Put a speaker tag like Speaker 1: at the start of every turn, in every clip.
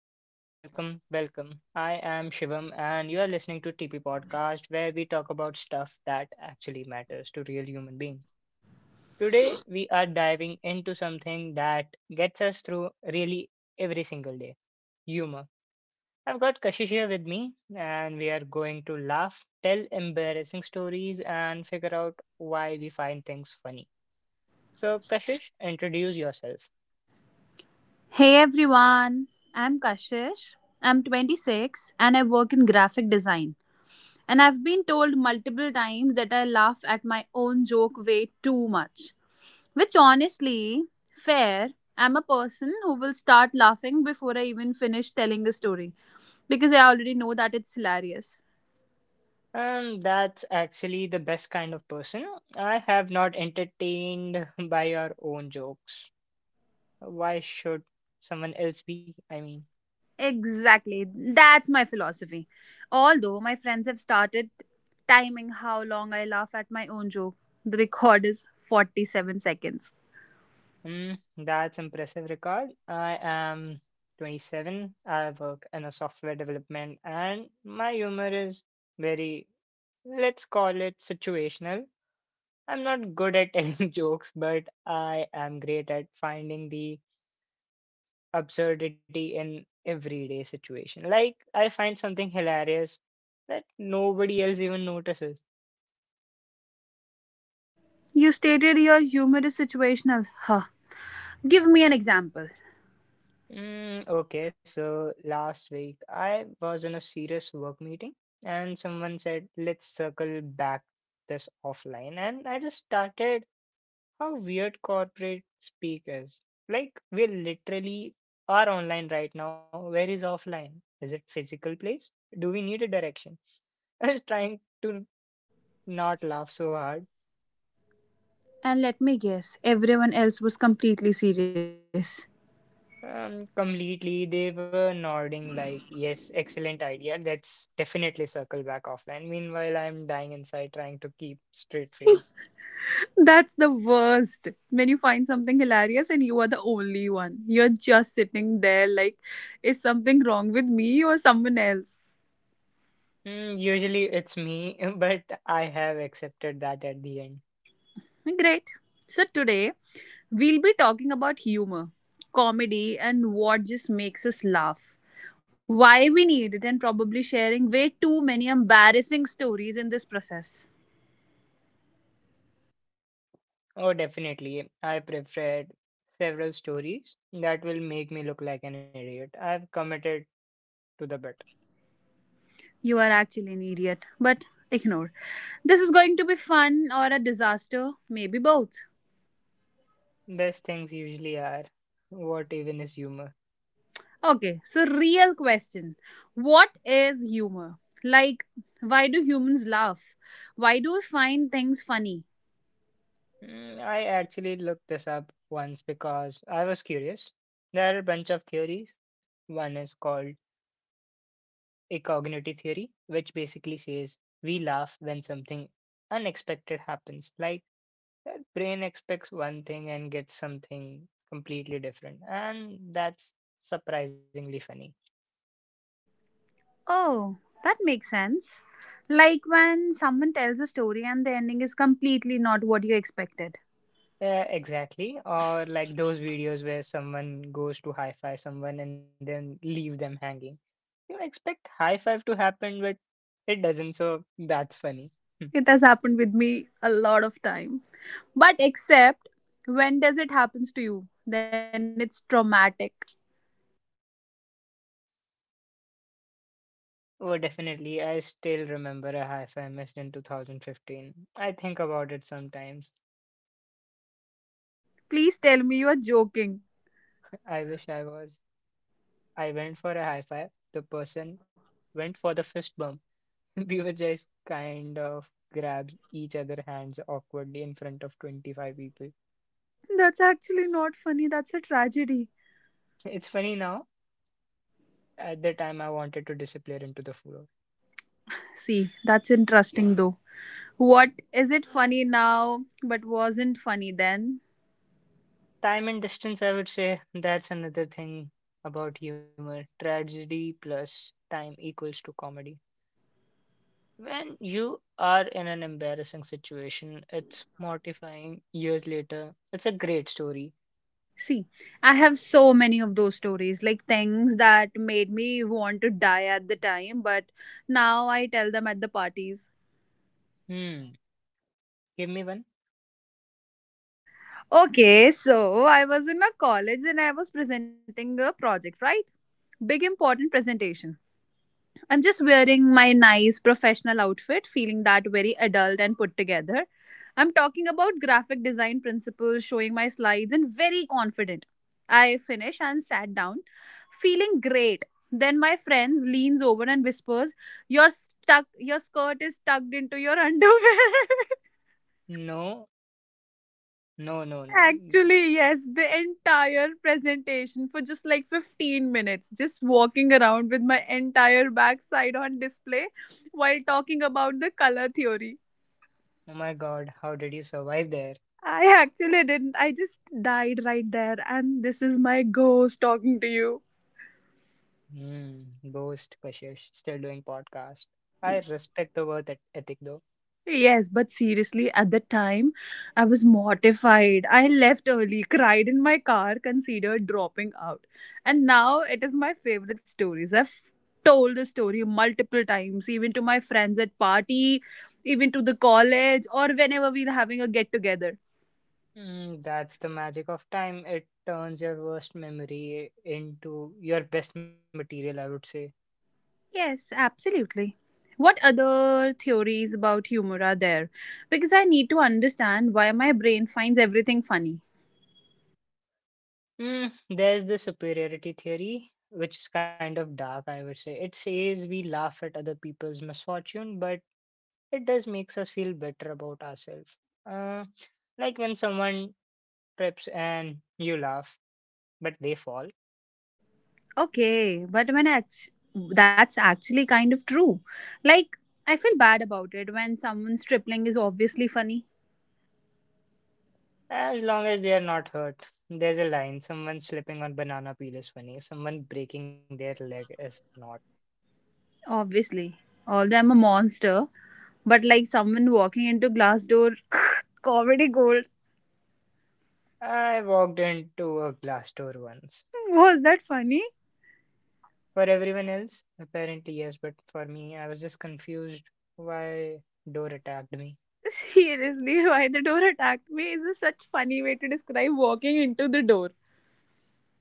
Speaker 1: Welcome, welcome, welcome. I am Shivam, and you are listening to TP Podcast, where we talk about stuff that actually matters to real human beings. Today, we are diving into something that gets us through really every single day humor. I've got Kashish here with me, and we are going to laugh, tell embarrassing stories, and figure out why we find things funny. So, Kashish, introduce yourself.
Speaker 2: Hey everyone, I'm Kashish. I'm 26 and I work in graphic design. And I've been told multiple times that I laugh at my own joke way too much. Which honestly, fair, I'm a person who will start laughing before I even finish telling the story because I already know that it's hilarious.
Speaker 1: That's actually the best kind of person. I have not entertained by your own jokes. Why should someone else be? I mean,
Speaker 2: Exactly. That's my philosophy. Although my friends have started timing how long I laugh at my own joke. The record is 47 seconds.
Speaker 1: mm, that's impressive record. I am 27. I work in a software development and my humor is very, let's call it situational. I'm not good at telling jokes, but I am great at finding the absurdity in everyday situation. Like I find something hilarious that nobody else even notices.
Speaker 2: You stated your humor is situational. Huh. Give me an example.
Speaker 1: Okay, so last week I was in a serious work meeting and someone said, let's circle back this offline. And I just started how weird corporate speak is. Like we literally are online right now. Where is offline? Is it physical place? Do we need a direction? I was trying to not laugh so hard.
Speaker 2: And let me guess, everyone else was completely serious.
Speaker 1: Completely. They were nodding like, yes, excellent idea. Let's definitely circle back offline. Meanwhile, I'm dying inside trying to keep straight face.
Speaker 2: That's the worst. When you find something hilarious and you are the only one, you're just sitting there like, is something wrong with me or someone else?
Speaker 1: Hmm, usually it's me, but I have accepted that at the end.
Speaker 2: Great. So today we'll be talking about humor, comedy, and what just makes us laugh. Why we need it, and probably sharing way too many embarrassing stories in this process.
Speaker 1: Oh, definitely. I preferred several stories that will make me look like an idiot. I've committed to the bit.
Speaker 2: You are actually an idiot, but ignore. This is going to be fun or a disaster, maybe both.
Speaker 1: Best things usually are what even is humor.
Speaker 2: Okay, so real question. What is humor? Like, why do humans laugh? Why do we find things funny?
Speaker 1: I actually looked this up once because I was curious. There are a bunch of theories. One is called ecognity theory, which basically says we laugh when something unexpected happens. Like the brain expects one thing and gets something completely different. And that's surprisingly funny.
Speaker 2: Oh, that makes sense. Like when someone tells a story and the ending is completely not what you expected.
Speaker 1: Yeah, exactly. Or like those videos where someone goes to high five someone and then leave them hanging. You expect high five to happen, but it doesn't, so that's funny. Hmm.
Speaker 2: It has happened with me a lot of time. But except when does it happens to you? Then it's traumatic.
Speaker 1: Oh, definitely. I still remember a high five missed in 2015. I think about it sometimes.
Speaker 2: Please tell me you are joking.
Speaker 1: I wish I was. I went for a high five. The person went for the fist bump. We were just kind of grabbed each other hands awkwardly in front of 25 people.
Speaker 2: That's actually not funny. That's a tragedy.
Speaker 1: It's funny now. At the time, I wanted to disappear into the floor.
Speaker 2: See, that's interesting though. What is it funny now but wasn't funny then?
Speaker 1: Time and distance, I would say that's another thing about humor. Tragedy plus time equals to comedy. When you are in an embarrassing situation, it's mortifying years later. It's a great story.
Speaker 2: See, I have so many of those stories, like things that made me want to die at the time, but now I tell them at the parties.
Speaker 1: Hmm, give me one.
Speaker 2: Okay, so I was in a college and I was presenting a project, right? Big important presentation. I'm just wearing my nice professional outfit, feeling that very adult and put together. I'm talking about graphic design principles, showing my slides, and very confident. I finish and sat down, feeling great. Then my friends leans over and whispers, "Your stuck, your skirt is tucked into your underwear."
Speaker 1: No, no, no, no.
Speaker 2: Actually, yes, the entire presentation for just like 15 minutes, just walking around with my entire backside on display while talking about the color theory.
Speaker 1: Oh my god, how did you survive there?
Speaker 2: I actually didn't. I just died right there, and this is my ghost talking to you.
Speaker 1: Hmm, ghost Kashish, still doing podcast. I respect the ethic though.
Speaker 2: Yes, but seriously, at the time, I was mortified. I left early, cried in my car, considered dropping out. And now it is my favorite stories. I've told the story multiple times, even to my friends at party, even to the college, or whenever we're having a get together.
Speaker 1: That's the magic of time. It turns your worst memory into your best material, I would say.
Speaker 2: Yes, absolutely. What other theories about humor are there? Because I need to understand why my brain finds everything funny.
Speaker 1: There's the superiority theory, which is kind of dark, I would say. It says we laugh at other people's misfortune, but it does makes us feel better about ourselves. Uh, like when someone trips and you laugh, but they fall.
Speaker 2: Okay, but when I act- that's actually kind of true. Like, I feel bad about it when someone's tripling is obviously funny.
Speaker 1: As long as they are not hurt. There's a line, someone slipping on banana peel is funny, someone breaking their leg is not.
Speaker 2: Obviously. Although I'm a monster, but like someone walking into glass door, comedy gold.
Speaker 1: I walked into a glass door once.
Speaker 2: Was that funny?
Speaker 1: For everyone else, apparently yes, but for me, I was just confused why door attacked me.
Speaker 2: Seriously, why the door attacked me is a such funny way to describe walking into the door.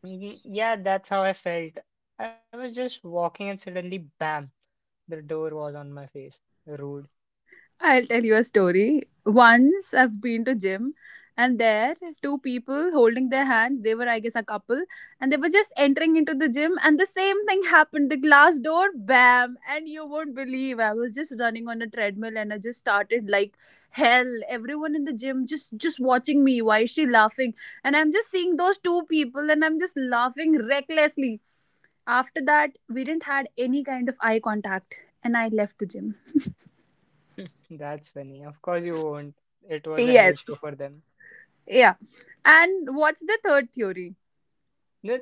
Speaker 1: Mhm. Yeah, that's how I felt. I was just walking and suddenly, bam, the door was on my face. Rude.
Speaker 2: I'll tell you a story. Once I've been to gym and there two people holding their hand, they were I guess a couple and they were just entering into the gym and the same thing happened. The glass door bam and you won't believe I was just running on a treadmill and I just started like hell. Everyone in the gym just watching me. Why is she laughing? And I'm just seeing those two people and I'm just laughing recklessly. After that, we didn't had any kind of eye contact and I left the gym.
Speaker 1: That's funny. Of course you won't. It was a
Speaker 2: Yes.
Speaker 1: hell show for them.
Speaker 2: Yeah. And what's the third theory?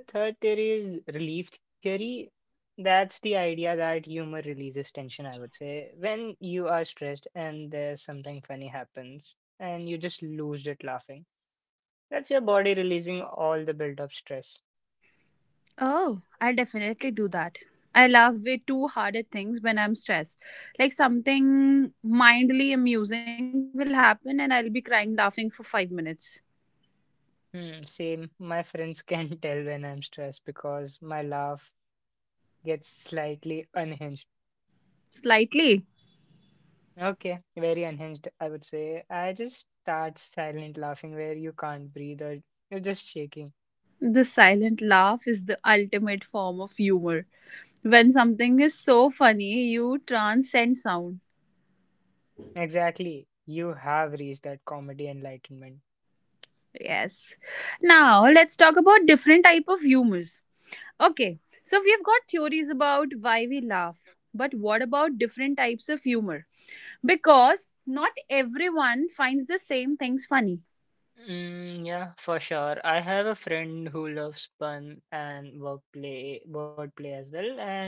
Speaker 1: The third theory is relief theory. That's the idea that humor releases tension, I would say. When you are stressed and there's something funny happens and you just lose it laughing, that's your body releasing all the built up stress.
Speaker 2: Oh, I'll definitely do that. I love way too hard at things when I'm stressed. Like something mindly amusing will happen and I'll be crying laughing for 5 minutes.
Speaker 1: Hmm, same. My friends can tell when I'm stressed because my laugh gets slightly unhinged.
Speaker 2: Slightly.
Speaker 1: Okay, very unhinged, I would say. I just start silent laughing where you can't breathe or you're just shaking.
Speaker 2: The silent laugh is the ultimate form of humor. When something is so funny, you transcend sound.
Speaker 1: Exactly. You have reached that comedy enlightenment.
Speaker 2: Yes. Now, let's talk about different type of humors. Okay, so we've got theories about why we laugh, but what about different types of humor? Because not everyone finds the same things funny.
Speaker 1: Yeah, for sure. I have a friend who loves pun and wordplay, wordplay as well, and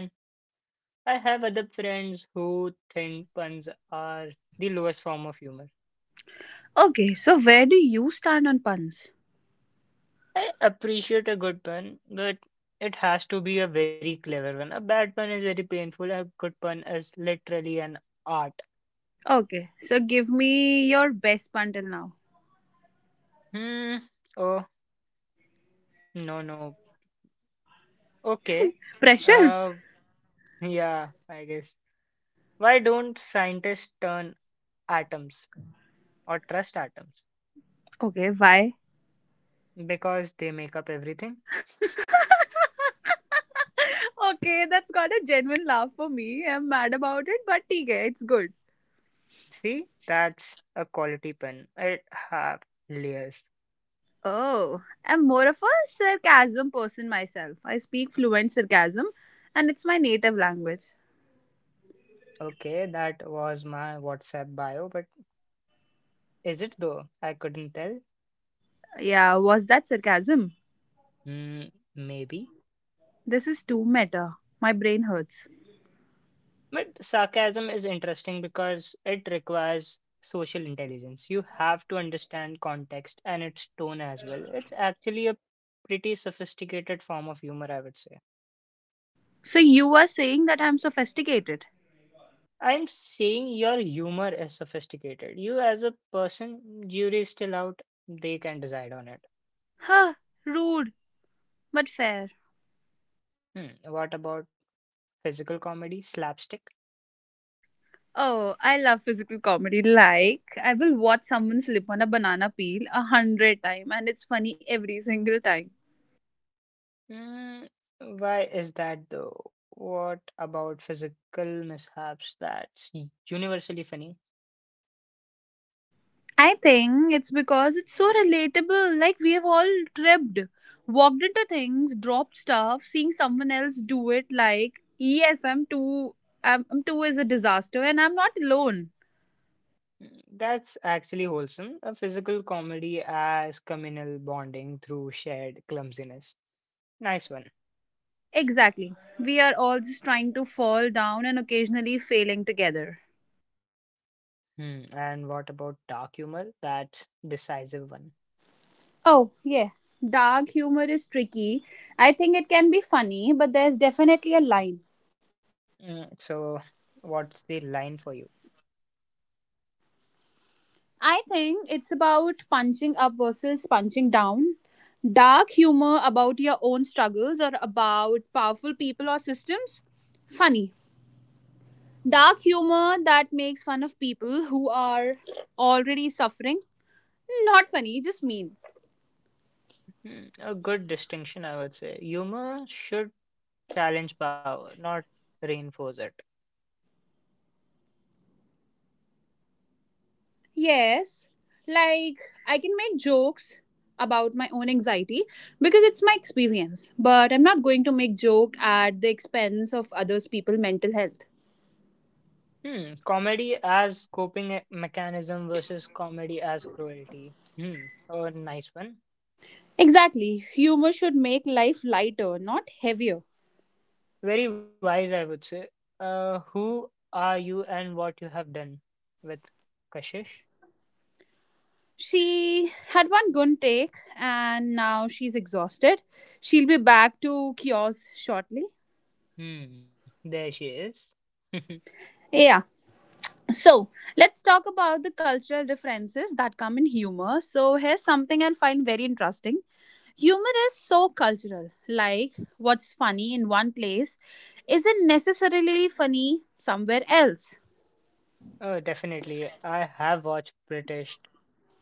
Speaker 1: I have other friends who think puns are the lowest form of humor.
Speaker 2: Okay, so where do you stand on puns?
Speaker 1: I appreciate a good pun, but it has to be a very clever one. A bad pun is very painful. A good pun is literally an art.
Speaker 2: Okay, so give me your best pun till now.
Speaker 1: Hmm. Oh, no, no. Okay.
Speaker 2: Pressure?
Speaker 1: Uh, yeah, I guess. Why don't scientists turn atoms or trust atoms?
Speaker 2: Okay, why?
Speaker 1: Because they make up everything.
Speaker 2: Okay, that's got a genuine laugh for me. I'm mad about it, but okay, it's good.
Speaker 1: See, that's a quality pen. It have layers.
Speaker 2: Oh, I'm more of a sarcasm person myself. I speak fluent sarcasm and it's my native language.
Speaker 1: Okay, that was my WhatsApp bio, but is it though? I couldn't tell.
Speaker 2: Yeah, was that sarcasm?
Speaker 1: Mm, maybe.
Speaker 2: This is too meta. My brain hurts.
Speaker 1: But sarcasm is interesting because it requires social intelligence. You have to understand context and its tone as well. It's actually a pretty sophisticated form of humor, I would say.
Speaker 2: So you are saying that I'm sophisticated?
Speaker 1: I'm saying your humor is sophisticated. You, as a person, jury is still out. They can decide on it.
Speaker 2: Huh, rude, but fair.
Speaker 1: Hmm. What about physical comedy, slapstick?
Speaker 2: Oh, I love physical comedy. Like, I will watch someone slip on a banana peel 100 times and it's funny every single time.
Speaker 1: Hmm. Why is that though? What about physical mishaps that's universally funny?
Speaker 2: I think it's because it's so relatable. Like, we have all tripped, walked into things, dropped stuff, seeing someone else do it. Like, yes, I'm too, I'm too is a disaster and I'm not alone.
Speaker 1: Hmm, that's actually wholesome. A physical comedy as communal bonding through shared clumsiness. Nice one.
Speaker 2: Exactly. We are all just trying to fall down and occasionally failing together.
Speaker 1: Hmm. And what about dark humor? That's decisive one.
Speaker 2: Oh, yeah. Dark humor is tricky. I think it can be funny, but there's definitely a line.
Speaker 1: So, what's the line for you?
Speaker 2: I think it's about punching up versus punching down. Dark humor about your own struggles or about powerful people or systems. Funny. Dark humor that makes fun of people who are already suffering. Not funny, just mean.
Speaker 1: Hmm, a good distinction, I would say. Humor should challenge power, not reinforce it.
Speaker 2: Yes, like I can make jokes about my own anxiety because it's my experience, but I'm not going to make joke at the expense of others people mental health.
Speaker 1: Hmm, comedy as coping mechanism versus comedy as cruelty. Hmm, a nice one.
Speaker 2: Exactly. Humor should make life lighter, not heavier.
Speaker 1: Very wise, I would say. Who are you and what you have done with Kashish?
Speaker 2: She had one good take and now she's exhausted. She'll be back to kiosks shortly.
Speaker 1: Hmm, there she is.
Speaker 2: Yeah. So let's talk about the cultural differences that come in humor. So here's something I find very interesting. Humor is so cultural. Like, what's funny in one place isn't necessarily funny somewhere else.
Speaker 1: Oh, definitely. I have watched British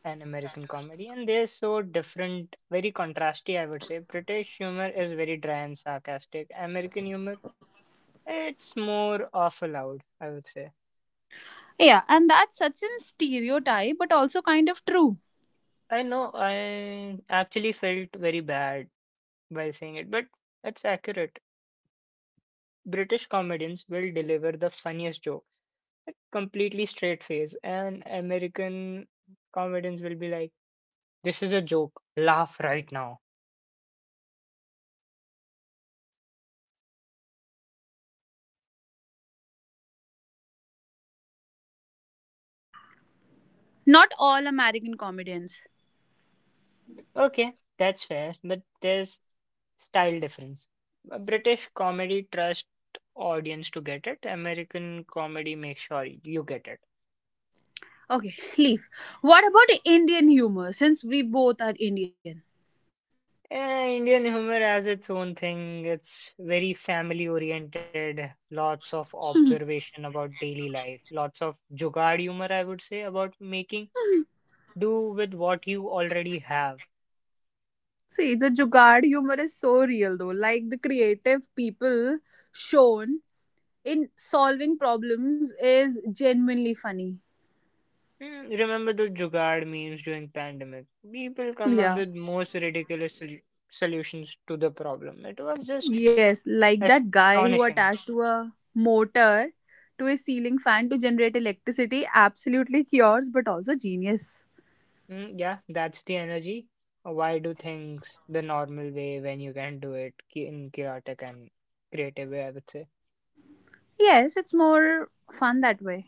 Speaker 1: an American comedy, and they're so different, very contrasty, I would say. British humor is very dry and sarcastic. American humor, it's more awful loud, I would say.
Speaker 2: Yeah, and that's such a stereotype, but also kind of true.
Speaker 1: I know I actually felt very bad while saying it, but it's accurate. British comedians will deliver the funniest joke, a completely straight face, and American comedians will be like, this is a joke, laugh right now.
Speaker 2: Not all American comedians.
Speaker 1: Okay, that's fair, but there's style difference. A British comedy trust audience to get it. American comedy make sure you get it.
Speaker 2: Okay, leave. What about Indian humor, since we both are Indian?
Speaker 1: Indian humor has its own thing. It's very family oriented.
Speaker 2: Hmm.
Speaker 1: Lots of observation about daily life. Lots of jugaad humor, I would say, about making do with what you already have.
Speaker 2: See, the Jugaad humor is so real though. Like the creative people shown in solving problems is genuinely funny.
Speaker 1: Hmm. Remember the jugaad memes during pandemic? People come up
Speaker 2: Yeah.
Speaker 1: with most ridiculous solutions to the problem. It was just
Speaker 2: Yes, like that guy who
Speaker 1: astonishing.
Speaker 2: attached to a motor to a ceiling fan to generate electricity. Absolutely cures, but also genius.
Speaker 1: Yeah, that's the energy. Why do things the normal way when you can do it in chaotic and creative way? I would say.
Speaker 2: Yes, it's more fun that way.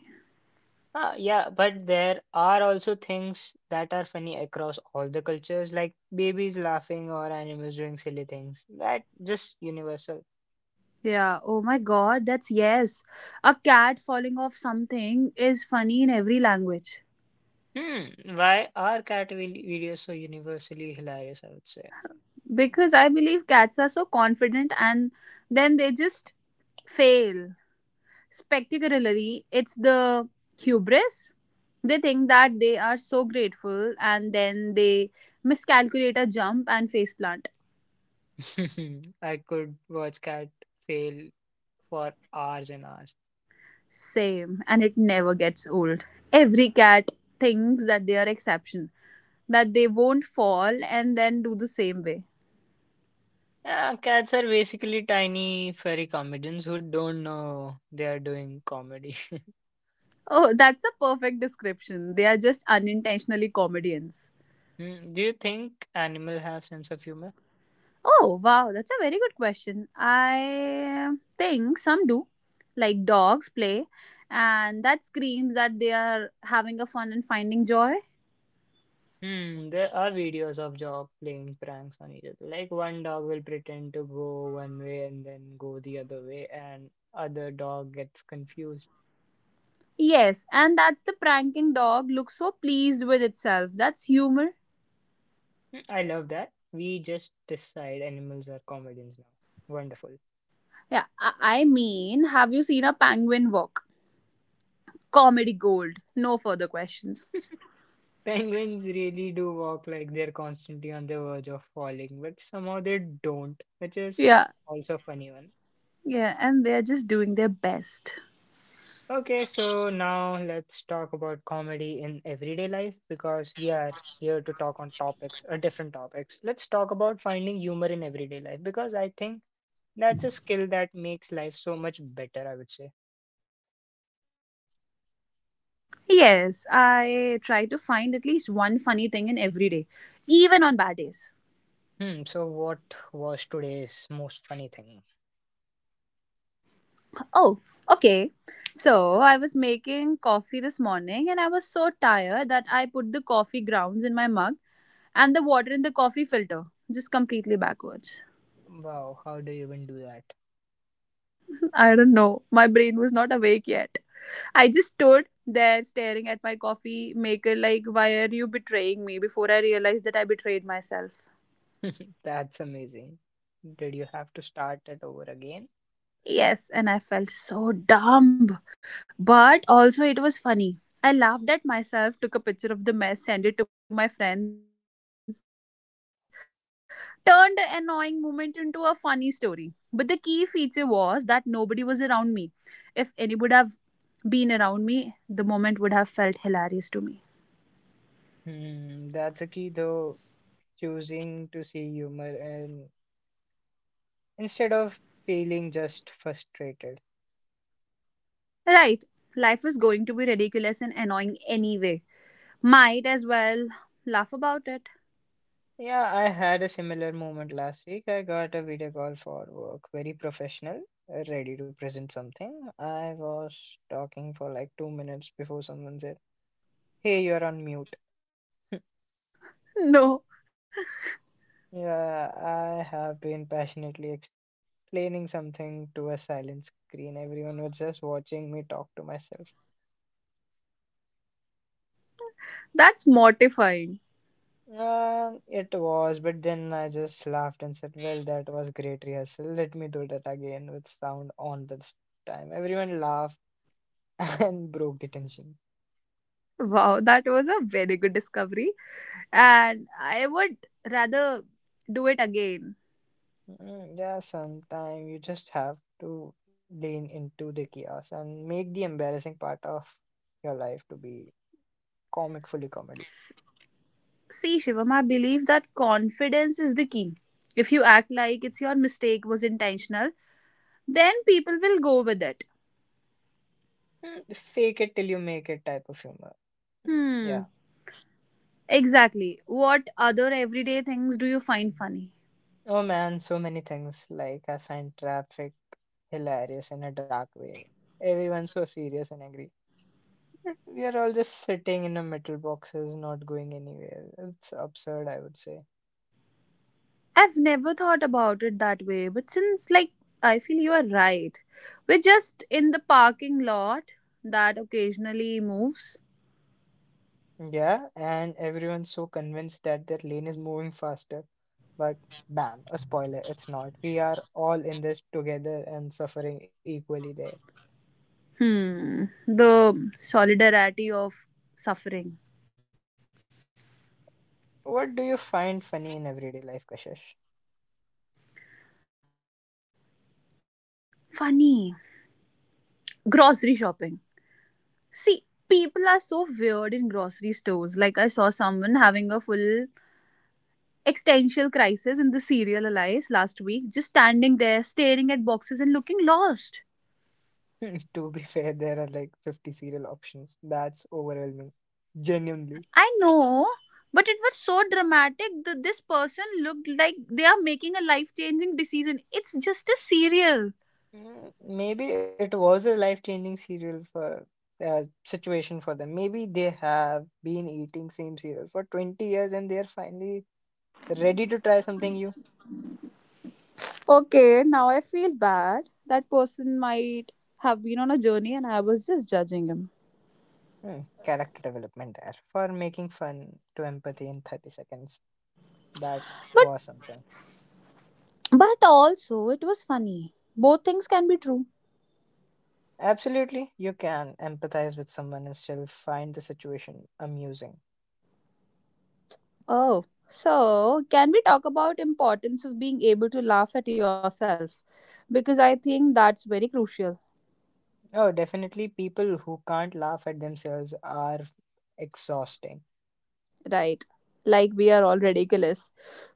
Speaker 1: Ah, yeah, but there are also things that are funny across all the cultures, like babies laughing or animals doing silly things. That just universal.
Speaker 2: Yeah, oh my god, that's yes. A cat falling off something is funny in every language.
Speaker 1: Hmm, why are cat videos so universally hilarious? I would say.
Speaker 2: Because I believe cats are so confident and then they just fail. Spectacularly, it's the hubris. They think that they are so grateful and then they miscalculate a jump and face plant.
Speaker 1: I could watch cat fail for hours and hours.
Speaker 2: Same, and it never gets old. Every cat thinks that they are exception, that they won't fall and then do the same way.
Speaker 1: Yeah, cats are basically tiny furry comedians who don't know they are doing comedy.
Speaker 2: Oh, that's a perfect description. They are just unintentionally comedians.
Speaker 1: Hmm, do you think animals have sense of humor?
Speaker 2: Oh, wow, that's a very good question. I think some do. Like dogs play, and that screams that they are having a fun and finding joy.
Speaker 1: Hmm, there are videos of Jaw playing pranks on each other. Like one dog will pretend to go one way and then go the other way, and other dog gets confused.
Speaker 2: Yes, and that's the pranking dog looks so pleased with itself. That's humor.
Speaker 1: I love that. We just decide animals are comedians now. Wonderful.
Speaker 2: Yeah, I mean, have you seen a penguin walk? Comedy gold. No further questions.
Speaker 1: Penguins really do walk like they're constantly on the verge of falling, but somehow they don't, which is
Speaker 2: Yeah,
Speaker 1: also a funny one.
Speaker 2: yeah, and they're just doing their best.
Speaker 1: Okay, so now let's talk about comedy in everyday life because we are here to talk on topics, different topics. Let's talk about finding humor in everyday life because I think that's a skill that makes life so much better, I would say.
Speaker 2: Yes, I try to find at least one funny thing in every day, even on bad days.
Speaker 1: Hmm, so what was today's most funny thing?
Speaker 2: Oh, okay. So, I was making coffee this morning and I was so tired that I put the coffee grounds in my mug and the water in the coffee filter just completely backwards.
Speaker 1: Wow, how do you even do that?
Speaker 2: I don't know. My brain was not awake yet. I just stood there staring at my coffee maker, like, why are you betraying me? Before I realized that I betrayed myself.
Speaker 1: That's amazing. Did you have to start it over again?
Speaker 2: Yes, and I felt so dumb. But also, it was funny. I laughed at myself, took a picture of the mess, sent it to my friends, turned the annoying moment into a funny story. But the key feature was that nobody was around me. If anybody would have been around me, the moment would have felt hilarious to me.
Speaker 1: Hmm, that's a key though, choosing to see humor and instead of feeling just frustrated.
Speaker 2: Right, life is going to be ridiculous and annoying anyway. Might as well laugh about it.
Speaker 1: Yeah, I had a similar moment last week. I got a video call for work, very professional, ready to present something. I was talking for like 2 minutes before someone said, hey, you're on mute.
Speaker 2: No,
Speaker 1: Yeah, I have been passionately explaining something to a silent screen. Everyone was just watching me talk to myself.
Speaker 2: that's mortifying.
Speaker 1: It was, but then I just laughed and said, well, that was great rehearsal. Let me do that again with sound on this time. Everyone laughed and broke the tension.
Speaker 2: Wow, that was a very good discovery. And I would rather do it again.
Speaker 1: Yeah, sometimes you just have to lean into the chaos and make the embarrassing part of your life to be comic, fully comedy.
Speaker 2: S- See, Shivam, I believe that confidence is the key. If you act like it's your mistake was intentional, then people will go with it.
Speaker 1: Fake it till you make it type of humor. Yeah.
Speaker 2: Hmm. Exactly. What other everyday things do you find funny?
Speaker 1: Oh man, so many things. Like, I find traffic hilarious in a dark way. Everyone's so serious and angry. We are all just sitting in the metal boxes, not going anywhere. It's absurd, I would say.
Speaker 2: I've never thought about it that way, but since, like, I feel you are right. We're just in the parking lot that occasionally moves.
Speaker 1: Yeah, and everyone's so convinced that their lane is moving faster. But bam, a spoiler, it's not. We are all in this together and suffering equally there.
Speaker 2: Hmm. The solidarity of suffering.
Speaker 1: What do you find funny in everyday life, Kashish?
Speaker 2: Funny. Grocery shopping. See, people are so weird in grocery stores. Like, I saw someone having a full existential crisis in the serial Elias last week, just standing there, staring at boxes and looking lost.
Speaker 1: To be fair, there are like 50 serial options. That's overwhelming. Genuinely.
Speaker 2: I know, but it was so dramatic that this person looked like they are making a life changing decision. It's just a serial.
Speaker 1: Maybe it was a life-changing serial for situation for them. Maybe they have been eating same cereal for 20 years and they're finally ready to try something new.
Speaker 2: Okay, now I feel bad. That person might have been on a journey and I was just judging him.
Speaker 1: Hmm, character development there for making fun to empathy in 30 seconds. That
Speaker 2: But
Speaker 1: was something.
Speaker 2: but also it was funny. Both things can be true.
Speaker 1: Absolutely, you can empathize with someone and still find the situation amusing.
Speaker 2: Oh, so can we talk about importance of being able to laugh at yourself? Because I think that's very crucial,
Speaker 1: Oh, definitely people who can't laugh at themselves are exhausting.
Speaker 2: right? Like we are all ridiculous.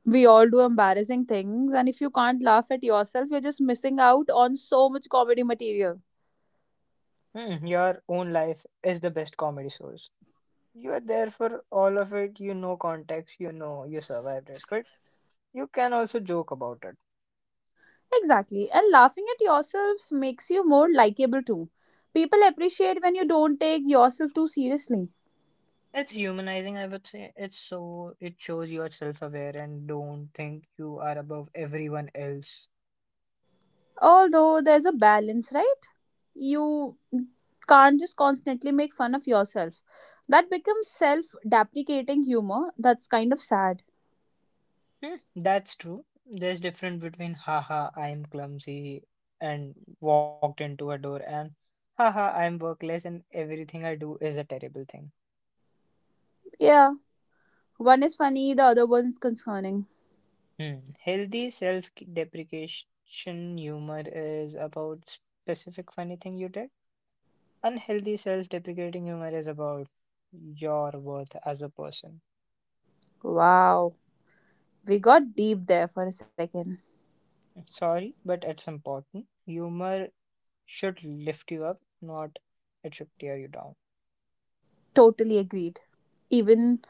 Speaker 2: We all do embarrassing things, and if you can't laugh at yourself, you're just missing out on so much comedy material.
Speaker 1: Hmm, your own life is the best comedy source. You are there for all of it, you know context, you know you survived it, but you can also joke about it.
Speaker 2: Exactly. And laughing at yourself makes you more likable too. People appreciate when you don't take yourself too seriously.
Speaker 1: It's humanizing, I would say. It shows you are self aware and don't think you are above everyone else.
Speaker 2: Although there's a balance, right? You can't just constantly make fun of yourself. That becomes self deprecating humor. That's kind of sad.
Speaker 1: Hmm, that's true. There's difference between haha I'm clumsy and walked into a door and haha I'm workless and everything I do is a terrible thing.
Speaker 2: Yeah, one is funny, the other one is concerning.
Speaker 1: Hmm. Healthy self-deprecation humor is about specific funny thing you did. Unhealthy self-deprecating humor is about your worth as a person.
Speaker 2: Wow, we got deep there for a second.
Speaker 1: Sorry, but it's important. Humor should lift you up, not it should tear you down.
Speaker 2: Totally agreed. Even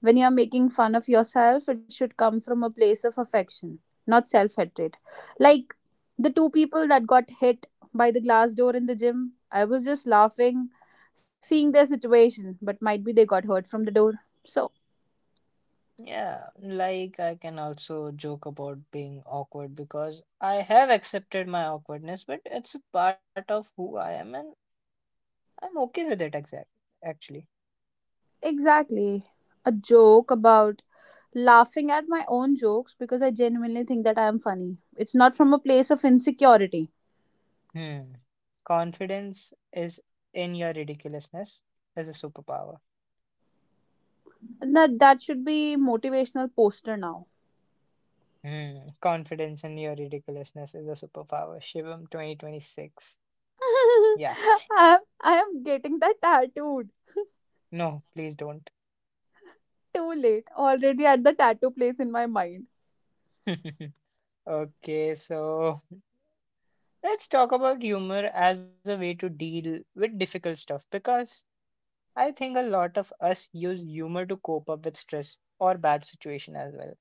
Speaker 2: when you're making fun of yourself, it should come from a place of affection, not self hatred. Like the two people that got hit by the glass door in the gym, I was just laughing, seeing their situation, but might be they got hurt from the door. So,
Speaker 1: Yeah, like I can also joke about being awkward because I have accepted my awkwardness, but it's a part of who I am and I'm okay with it exact actually.
Speaker 2: exactly. A joke about laughing at my own jokes because I genuinely think that I am funny. It's not from a place of insecurity.
Speaker 1: Hmm. Confidence is in your ridiculousness is a superpower.
Speaker 2: That should be motivational poster now.
Speaker 1: Hmm. Confidence in your ridiculousness is a superpower. Shivam 2026. Yeah.
Speaker 2: I am getting that tattooed.
Speaker 1: No, please don't.
Speaker 2: Too late, already at the tattoo place in my mind.
Speaker 1: Okay, so let's talk about humor as a way to deal with difficult stuff because I think a lot of us use humor to cope up with stress or bad situation as well.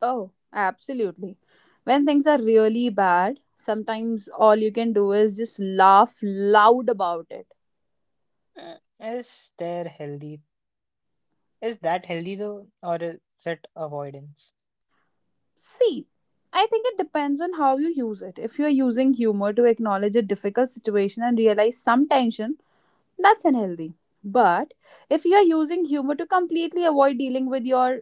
Speaker 2: Oh, absolutely. When things are really bad, sometimes all you can do is just laugh loud about it.
Speaker 1: Mm, Is there healthy? Is that healthy though, or is it avoidance?
Speaker 2: See, I think it depends on how you use it. If you're using humor to acknowledge a difficult situation and realize some tension, that's unhealthy. But if you're using humor to completely avoid dealing with your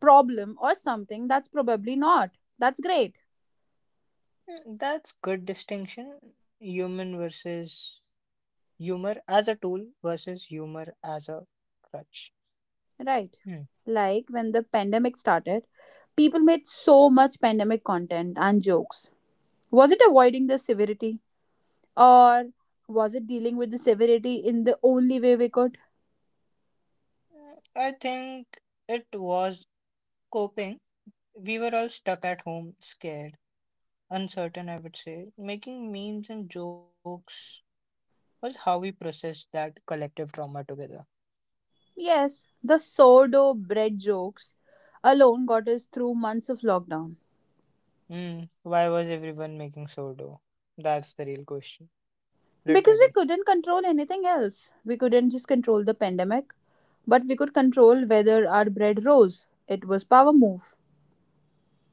Speaker 2: problem or something, that's probably not. That's great.
Speaker 1: That's good distinction. Human versus Humor as a tool versus humor as a crutch.
Speaker 2: Right.
Speaker 1: Hmm.
Speaker 2: Like when the pandemic started, people made so much pandemic content and jokes. Was it avoiding the severity, or was it dealing with the severity in the only way we could?
Speaker 1: I think it was coping. We were all stuck at home, scared, uncertain. I would say making memes and jokes was how we processed that collective trauma together.
Speaker 2: Yes, the sourdough bread jokes alone got us through months of lockdown.
Speaker 1: Why was everyone making sourdough? That's the real question. Literally.
Speaker 2: Because we couldn't control anything else. We couldn't just control the pandemic, but we could control whether our bread rose. It was power move.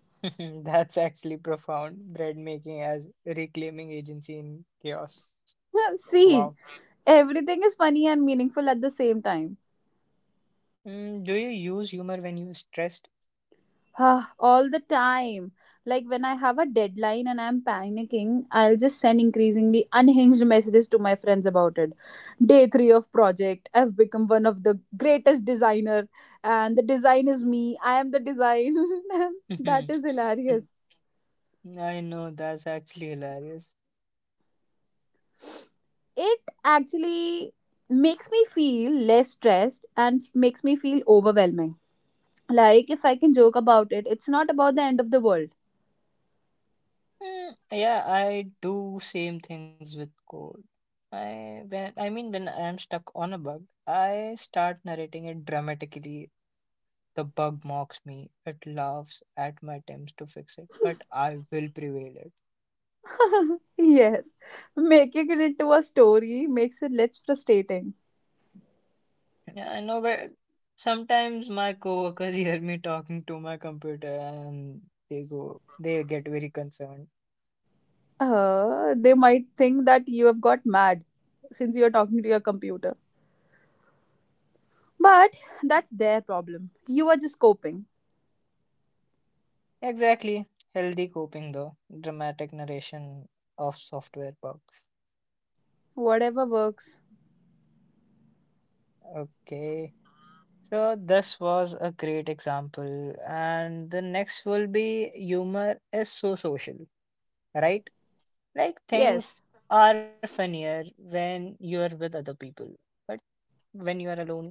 Speaker 1: That's actually profound. Bread making as reclaiming agency in chaos. Wow.
Speaker 2: See, everything is funny and meaningful at the same time.
Speaker 1: Do you use humor when you're stressed?
Speaker 2: Ah, all the time. Like when I have a deadline and I'm panicking, I'll just send increasingly unhinged messages to my friends about it. Day 3 of project, I've become one of the greatest designer and the design is me. I am the design. That is hilarious.
Speaker 1: I know that's actually hilarious.
Speaker 2: It actually makes me feel less stressed and makes me feel overwhelming. Like if I can joke about it, it's not about the end of the world.
Speaker 1: Yeah, I do same things with code. I when I mean When I am stuck on a bug, I start narrating it dramatically. The bug mocks me, it laughs at my attempts to fix it, but I will prevail it.
Speaker 2: Yes, making it into a story makes it less frustrating.
Speaker 1: Yeah, I know, but sometimes my coworkers hear me talking to my computer and they get very concerned.
Speaker 2: They might think that you have got mad since you're talking to your computer. But that's their problem. You are just coping.
Speaker 1: Exactly. Healthy coping, though. Dramatic narration of software bugs.
Speaker 2: Whatever works.
Speaker 1: Okay. So this was a great example, and the next will be humor is so social, right? Like things
Speaker 2: Yes.
Speaker 1: are funnier when you are with other people, but when you are alone,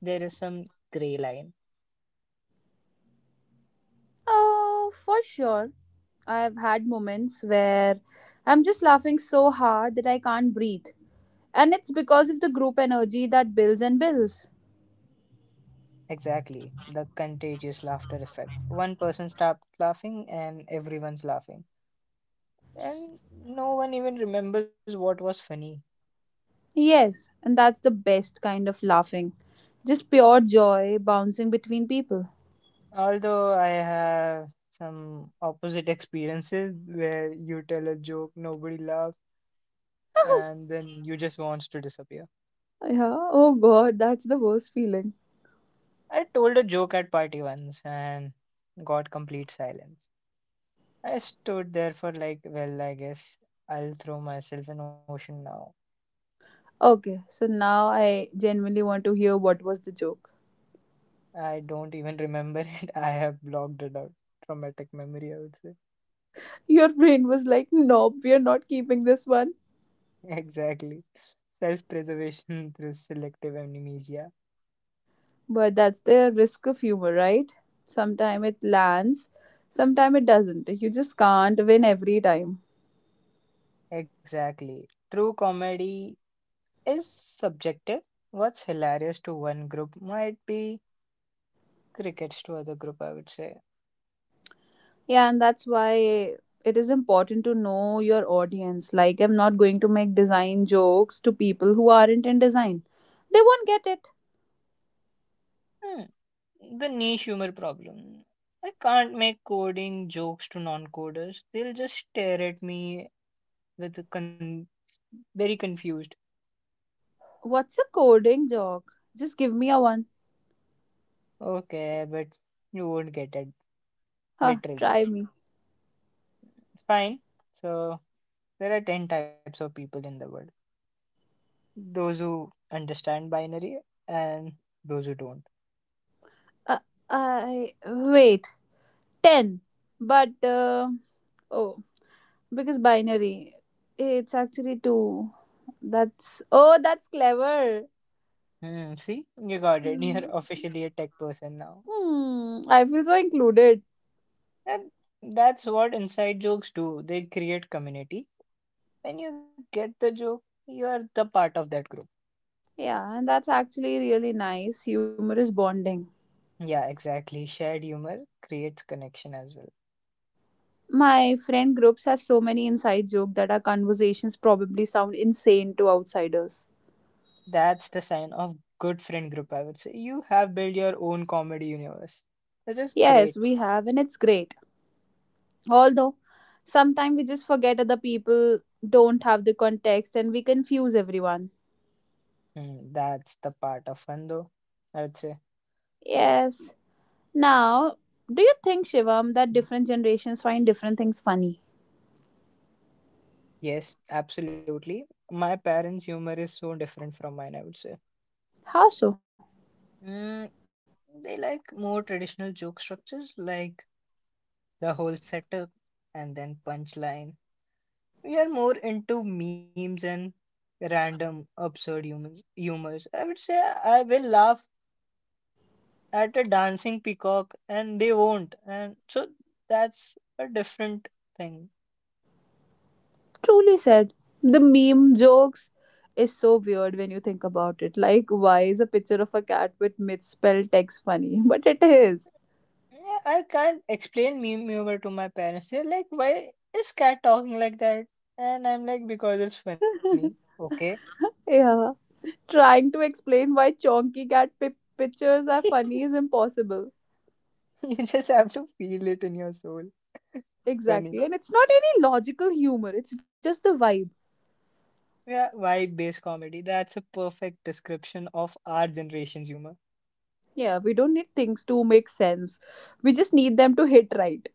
Speaker 1: there is some gray line.
Speaker 2: Oh, for sure. I've had moments where I'm just laughing so hard that I can't breathe. And it's because of the group energy that builds and builds.
Speaker 1: Exactly, the contagious laughter effect. One person starts laughing and everyone's laughing, and no one even remembers what was funny.
Speaker 2: Yes, and that's the best kind of laughing. Just pure joy bouncing between people.
Speaker 1: Although I have some opposite experiences where you tell a joke, nobody laughs, and then you just wants to disappear.
Speaker 2: Yeah, oh god, that's the worst feeling.
Speaker 1: I told a joke at party once and got complete silence. I stood there for like, well, I guess I'll throw myself in ocean now.
Speaker 2: Okay, so now I genuinely want to hear what was the joke.
Speaker 1: I don't even remember it. I have blocked it out. Traumatic memory, I would say.
Speaker 2: Your brain was like, nope, we are not keeping this one.
Speaker 1: Exactly. Self preservation through selective amnesia.
Speaker 2: But that's the risk of humor, right? Sometime it lands, sometime it doesn't. You just can't win every time.
Speaker 1: Exactly. True comedy is subjective. What's hilarious to one group might be crickets to other group, I would say.
Speaker 2: Yeah, and that's why it is important to know your audience. Like, I'm not going to make design jokes to people who aren't in design. They won't get it.
Speaker 1: Hmm. The niche humor problem. I can't make coding jokes to non coders. They'll just stare at me with the con- very confused.
Speaker 2: What's a coding joke? Just give me a one.
Speaker 1: Okay, but you won't get it
Speaker 2: Huh, try
Speaker 1: literally.
Speaker 2: me.
Speaker 1: Fine. So there are 10 types of people in the world. Those who understand binary and those who don't.
Speaker 2: Uh, I. Wait, 10. But, uh, oh, because binary. It's actually 2. That's. Oh, that's clever.
Speaker 1: Hmm, see, you got it.
Speaker 2: Hmm.
Speaker 1: You're officially a tech person now.
Speaker 2: Hmm, I feel so included.
Speaker 1: And that's what inside jokes do. They create community. When you get the joke, you're the part of that group.
Speaker 2: Yeah, and that's actually really nice, humorous bonding.
Speaker 1: Yeah, exactly. Shared humor creates connection as well.
Speaker 2: My friend groups has so many inside jokes that our conversations probably sound insane to outsiders.
Speaker 1: That's the sign of good friend group, I would say. You have built your own comedy universe, which is
Speaker 2: Yes,
Speaker 1: great.
Speaker 2: we have, and it's great. Although, sometimes we just forget other people don't have the context and we confuse everyone.
Speaker 1: Hmm, that's the part of fun, though, I would say.
Speaker 2: Yes. Now, do you think, Shivam, that different generations find different things funny?
Speaker 1: Yes, absolutely. My parents' humor is so different from mine, I would say.
Speaker 2: How so?
Speaker 1: Mm, they like more traditional joke structures, like the whole setup and then punchline. We are more into memes and random absurd humans humors. I would say I will laugh at a dancing peacock and they won't and so that's a different thing.
Speaker 2: Truly said. The meme jokes is so weird when you think about it. Like, why is a picture of a cat with misspelled text funny? But it is.
Speaker 1: Yeah, I can't explain meme humor to my parents. They're like, why is cat talking like that, and I'm like, because it's funny, okay.
Speaker 2: Yeah. Trying to explain why pictures are funny is impossible.
Speaker 1: You just have to feel it in your soul. It's funny.
Speaker 2: Exactly. And it's not any logical humor, it's just the vibe.
Speaker 1: Yeah, vibe based comedy, that's a perfect description of our generation's humor.
Speaker 2: Yeah, we don't need things to make sense. We just need them to hit right.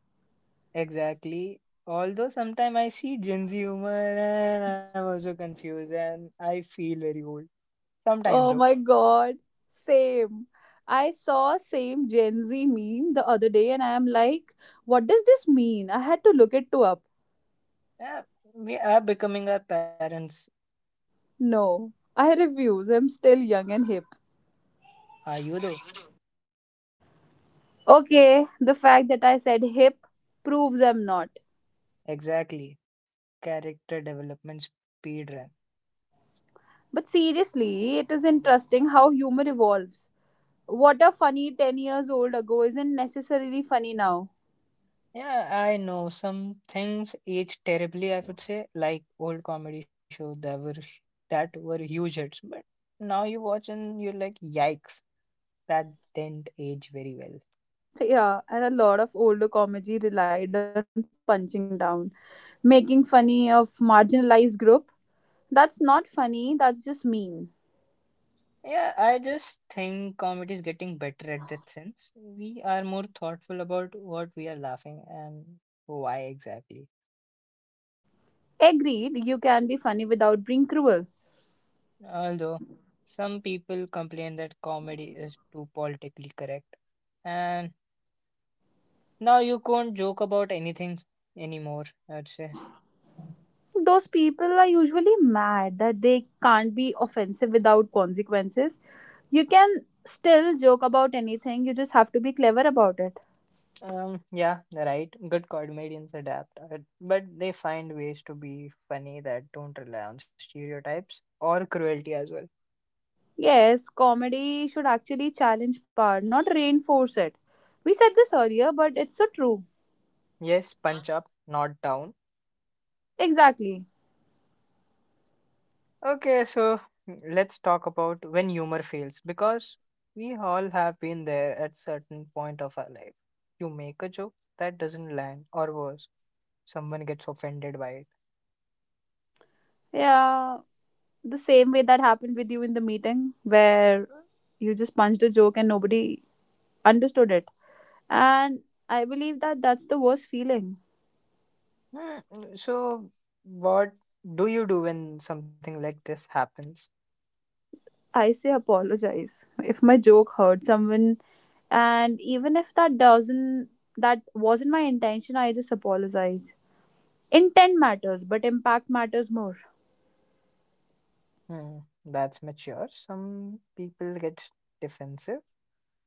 Speaker 1: Exactly, although sometimes I see gen z humor and I'm also confused and I feel very old. Sometimes,
Speaker 2: Oh
Speaker 1: though,
Speaker 2: my god. Same. I saw same Gen Z meme the other day and I am like, what does this mean? I had to look it to up.
Speaker 1: yeah, we are becoming our parents.
Speaker 2: No, I refuse. I'm still young and hip.
Speaker 1: Are you, though?
Speaker 2: Okay, the fact that I said hip proves I'm not.
Speaker 1: Exactly. Character development speed run.
Speaker 2: But seriously, it is interesting how humor evolves. What a funny 10 years old ago isn't necessarily funny now.
Speaker 1: Yeah, I know some things age terribly, I would say, like old comedy shows that were huge hits, but now you watch and you're like, yikes, that didn't age very well.
Speaker 2: Yeah, and a lot of older comedy relied on punching down, making funny of marginalized group. That's not funny, that's just mean.
Speaker 1: Yeah, I just think comedy is getting better at that sense. We are more thoughtful about what we are laughing and why exactly.
Speaker 2: Agreed, you can be funny without being cruel.
Speaker 1: Although some people complain that comedy is too politically correct, and now you can't joke about anything anymore, I'd say.
Speaker 2: Those people are usually mad that they can't be offensive without consequences. You can still joke about anything, you just have to be clever about it.
Speaker 1: Yeah, right. Good comedians adapt, but they find ways to be funny that don't rely on stereotypes or cruelty as well.
Speaker 2: Yes, comedy should actually challenge power, not reinforce it. We said this earlier, but it's so true.
Speaker 1: Yes, punch up, not down.
Speaker 2: Exactly.
Speaker 1: Okay, so let's talk about when humor fails because we all have been there at certain point of our life. You make a joke that doesn't land, or worse, someone gets offended by it.
Speaker 2: Yeah, the same way that happened with you in the meeting where you just punched a joke and nobody understood it. And I believe that that's the worst feeling.
Speaker 1: Hmm, so, what do you do when something like this happens?
Speaker 2: I say apologize if my joke hurt someone. And even if that doesn't, that wasn't my intention, I just apologize. Intent matters, but impact matters more.
Speaker 1: Hmm, that's mature. Some people get defensive.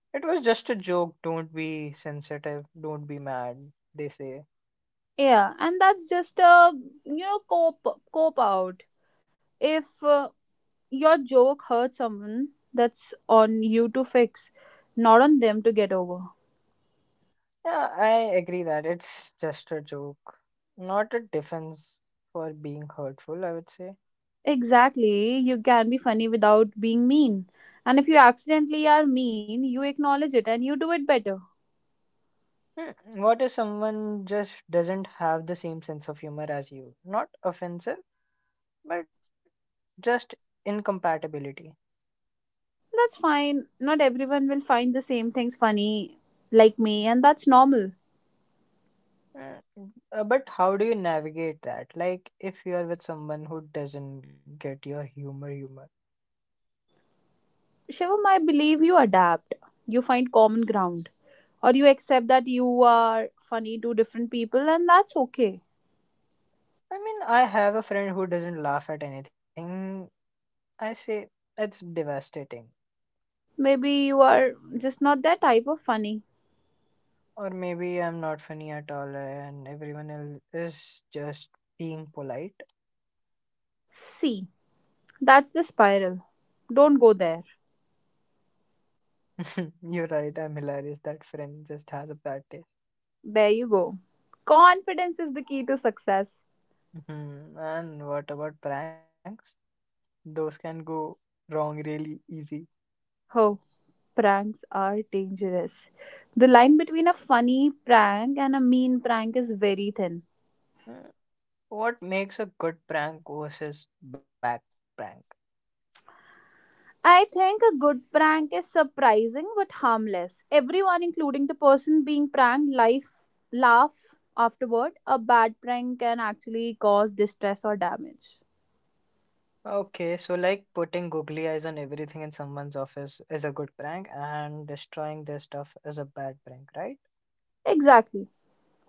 Speaker 1: It was just a joke. Don't be sensitive. Don't be mad, they say.
Speaker 2: Yeah, and that's just a, cope, cope out. If your joke hurt someone, that's on you to fix, not on them to get over.
Speaker 1: Yeah, I agree that it's just a joke, not a defense for being hurtful, I would say.
Speaker 2: Exactly. You can be funny without being mean. And if you accidentally are mean, you acknowledge it and you do it better.
Speaker 1: Hmm, what if someone just doesn't have the same sense of humor as you? Not offensive, but just incompatibility.
Speaker 2: That's fine. Not everyone will find the same things funny like me, and that's normal.
Speaker 1: Hmm, but how do you navigate that? Like, if you are with someone who doesn't get your humor.
Speaker 2: Shivam, I believe you adapt. You find common ground. Or you accept that you are funny to different people, and that's okay.
Speaker 1: I mean, I have a friend who doesn't laugh at anything. I say it's devastating.
Speaker 2: Maybe you are just not that type of funny.
Speaker 1: Or maybe I'm not funny at all and everyone else is just being polite.
Speaker 2: See, that's the spiral. Don't go there.
Speaker 1: You're right, I'm hilarious. That friend just has a bad taste.
Speaker 2: There you go. Confidence is the key to success.
Speaker 1: Mhm. And what about pranks? Those can go wrong really easy.
Speaker 2: Oh, pranks are dangerous. The line between a funny prank and a mean prank is very thin.
Speaker 1: Mm, What makes a good prank versus bad prank?
Speaker 2: I think a good prank is surprising but harmless. Everyone, including the person being pranked, life laugh afterward. A bad prank can actually cause distress or damage.
Speaker 1: Okay, so like putting googly eyes on everything in someone's office is a good prank and destroying their stuff is a bad prank, right?
Speaker 2: Exactly.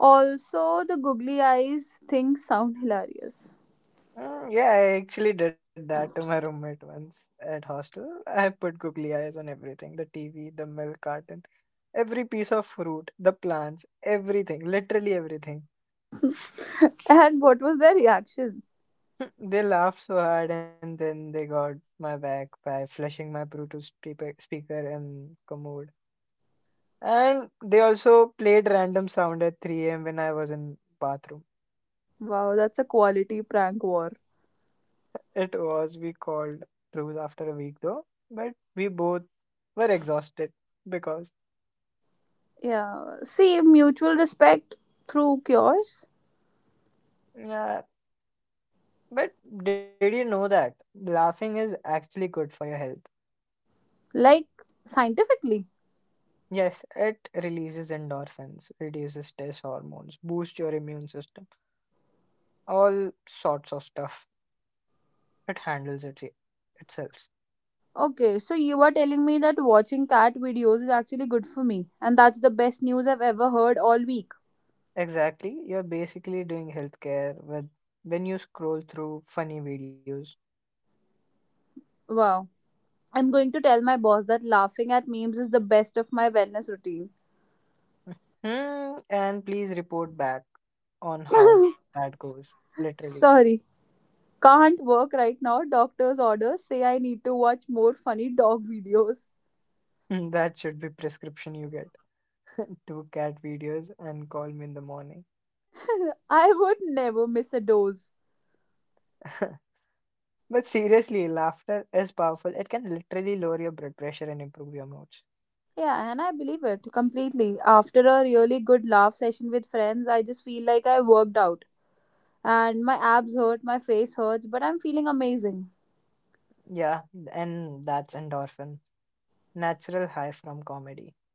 Speaker 2: Also, the googly eyes thing sound hilarious.
Speaker 1: Yeah, I actually did that to my roommate once at hostel. I put googly eyes on everything, the TV, the milk carton, every piece of fruit, the plants, everything, literally everything.
Speaker 2: And what was their reaction?
Speaker 1: They laughed so hard and then they got my back by flashing my Bluetooth speaker and commode. And they also played random sound at 3 a.m. when I was in bathroom.
Speaker 2: Wow, that's a quality prank war.
Speaker 1: It was, we called truce after a week though, but we both were exhausted because.
Speaker 2: Yeah, see, mutual respect through cures,
Speaker 1: Yeah, but did you know that laughing is actually good for your health?
Speaker 2: like scientifically.
Speaker 1: Yes, it releases endorphins, reduces stress hormones, boosts your immune system, all sorts of stuff. It handles it itself.
Speaker 2: Okay, so you are telling me that watching cat videos is actually good for me, and that's the best news I've ever heard all week.
Speaker 1: Exactly, you're basically doing healthcare with when you scroll through funny videos.
Speaker 2: Wow. I'm going to tell my boss that laughing at memes is the best of my wellness routine.
Speaker 1: Hmm, and please report back on how that goes. Literally,
Speaker 2: Sorry, can't work right now. Doctor's orders say I need to watch more funny dog videos.
Speaker 1: that should be prescription you get. Two cat videos and call me in the morning.
Speaker 2: I would never miss a dose.
Speaker 1: But seriously, laughter is powerful. It can literally lower your blood pressure and improve your moods.
Speaker 2: Yeah, and I believe it completely. After a really good laugh session with friends, I just feel like I worked out. And my abs hurt, my face hurts, but I'm feeling amazing.
Speaker 1: Yeah, and that's endorphin, natural high from comedy.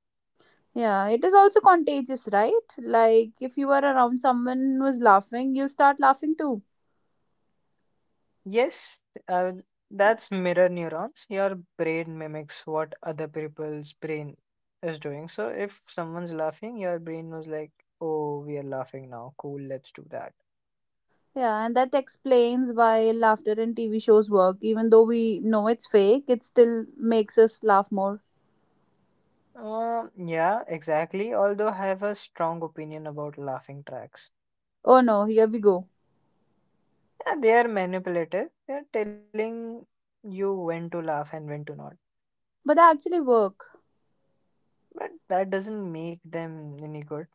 Speaker 2: Yeah, it is also contagious, right? Like if you are around someone who is laughing, you start laughing too.
Speaker 1: Yes, that's mirror neurons. Your brain mimics what other people's brain is doing. So if someone's laughing, your brain was like, "Oh, we are laughing now. Cool, let's do that."
Speaker 2: Yeah, and that explains why laughter in TV shows work. Even though we know it's fake, it still makes us laugh more.
Speaker 1: Yeah, exactly. Although I have a strong opinion about laughing tracks.
Speaker 2: Oh no, here we go.
Speaker 1: Yeah, they are manipulative. They're telling you when to laugh and when to not.
Speaker 2: But they actually work.
Speaker 1: But that doesn't make them any good.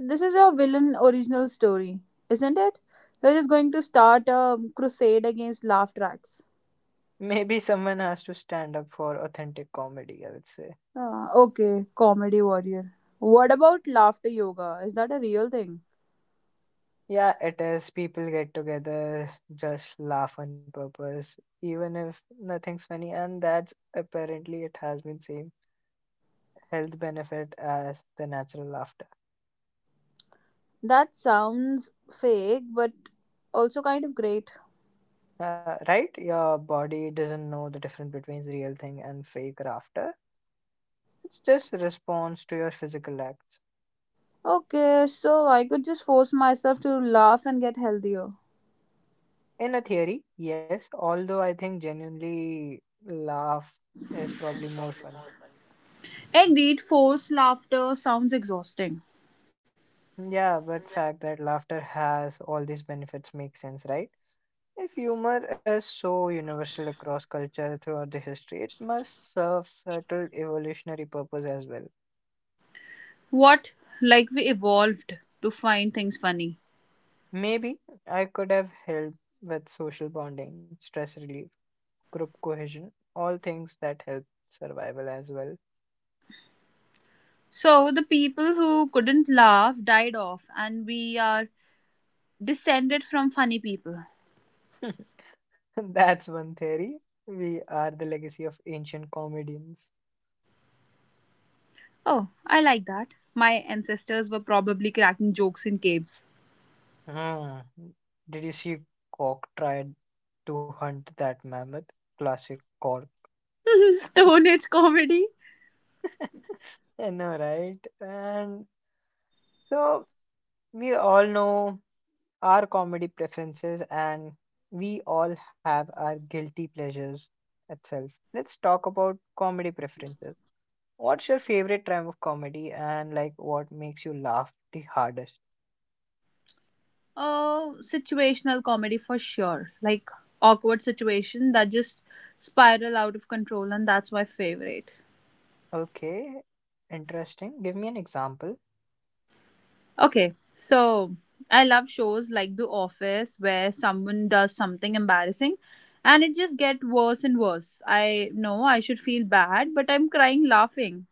Speaker 2: This is your villain original story, isn't it? We're just going to start a crusade against laugh tracks.
Speaker 1: Maybe someone has to stand up for authentic comedy, I would say.
Speaker 2: Okay, comedy warrior. What about laughter yoga? Is that a real thing?
Speaker 1: Yeah, it is. People get together, just laugh on purpose, even if nothing's funny, and that's apparently it has been same health benefit as the natural laughter.
Speaker 2: That sounds fake, but also kind of great.
Speaker 1: Right? Your body doesn't know the difference between real thing and fake laughter. It's just a response to your physical acts.
Speaker 2: Okay, so I could just force myself to laugh and get healthier.
Speaker 1: In a theory, yes, although I think genuinely laugh is probably more fun.
Speaker 2: Agreed, forced laughter sounds exhausting.
Speaker 1: Yeah, but fact that laughter has all these benefits makes sense, right? If humor is so universal across culture throughout the history, it must serve subtle evolutionary purpose as well.
Speaker 2: What? Like we evolved to find things funny.
Speaker 1: Maybe I could have helped with social bonding, stress relief, group cohesion, all things that help survival as well.
Speaker 2: So the people who couldn't laugh died off, and we are descended from funny people.
Speaker 1: That's one theory. We are the legacy of ancient comedians.
Speaker 2: Oh, I like that. My ancestors were probably cracking jokes in caves.
Speaker 1: Hmm. Did you see Cork tried to hunt that mammoth? Classic Cork.
Speaker 2: Stone Age comedy?
Speaker 1: I know, right? And so we all know our comedy preferences and we all have our guilty pleasures itself. Let's talk about comedy preferences. What's your favorite type of comedy and like what makes you laugh the hardest?
Speaker 2: Oh, situational comedy for sure. Like awkward situation that just spiral out of control, and that's my favorite.
Speaker 1: Okay, interesting. Give me an example.
Speaker 2: Okay, so I love shows like The Office where someone does something embarrassing and it just gets worse and worse. I know I should feel bad, but I'm crying laughing.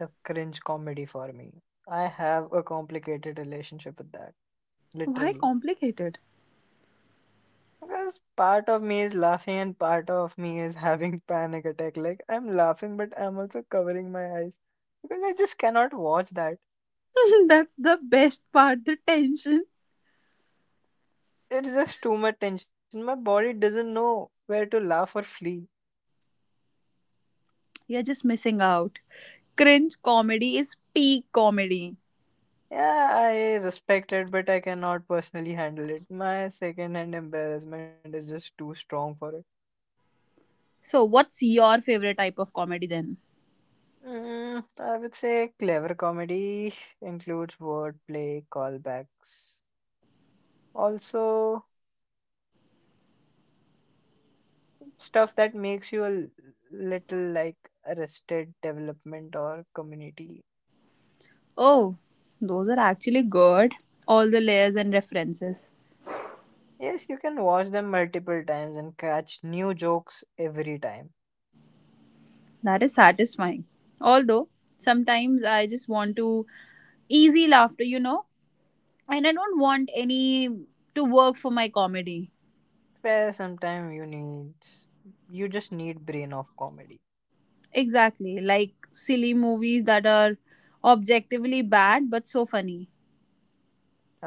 Speaker 1: The cringe comedy for me. I have a complicated relationship with that,
Speaker 2: Why
Speaker 1: literally.
Speaker 2: complicate it?
Speaker 1: Because part of me is laughing and part of me is having panic attack. Like I'm laughing, but I'm also covering my eyes because I just cannot watch that.
Speaker 2: That's the best part, the tension.
Speaker 1: It's just too much tension. My body doesn't know where to laugh or flee.
Speaker 2: You're just missing out. Cringe comedy is peak comedy.
Speaker 1: Yeah, I respect it, but I cannot personally handle it. My second-hand embarrassment is just too strong for it.
Speaker 2: So, what's your favorite type of comedy then?
Speaker 1: Mm, I would say clever comedy includes wordplay, callbacks, also stuff that makes you little like Arrested Development or Community.
Speaker 2: Oh, those are actually good. All the layers and references.
Speaker 1: Yes, you can watch them multiple times and catch new jokes every time.
Speaker 2: That is satisfying. Although sometimes I just want to easy laughter, you know, and I don't want any to work for my comedy.
Speaker 1: Fair, sometimes you need you just need brain of comedy.
Speaker 2: Exactly, like silly movies that are objectively bad but so funny.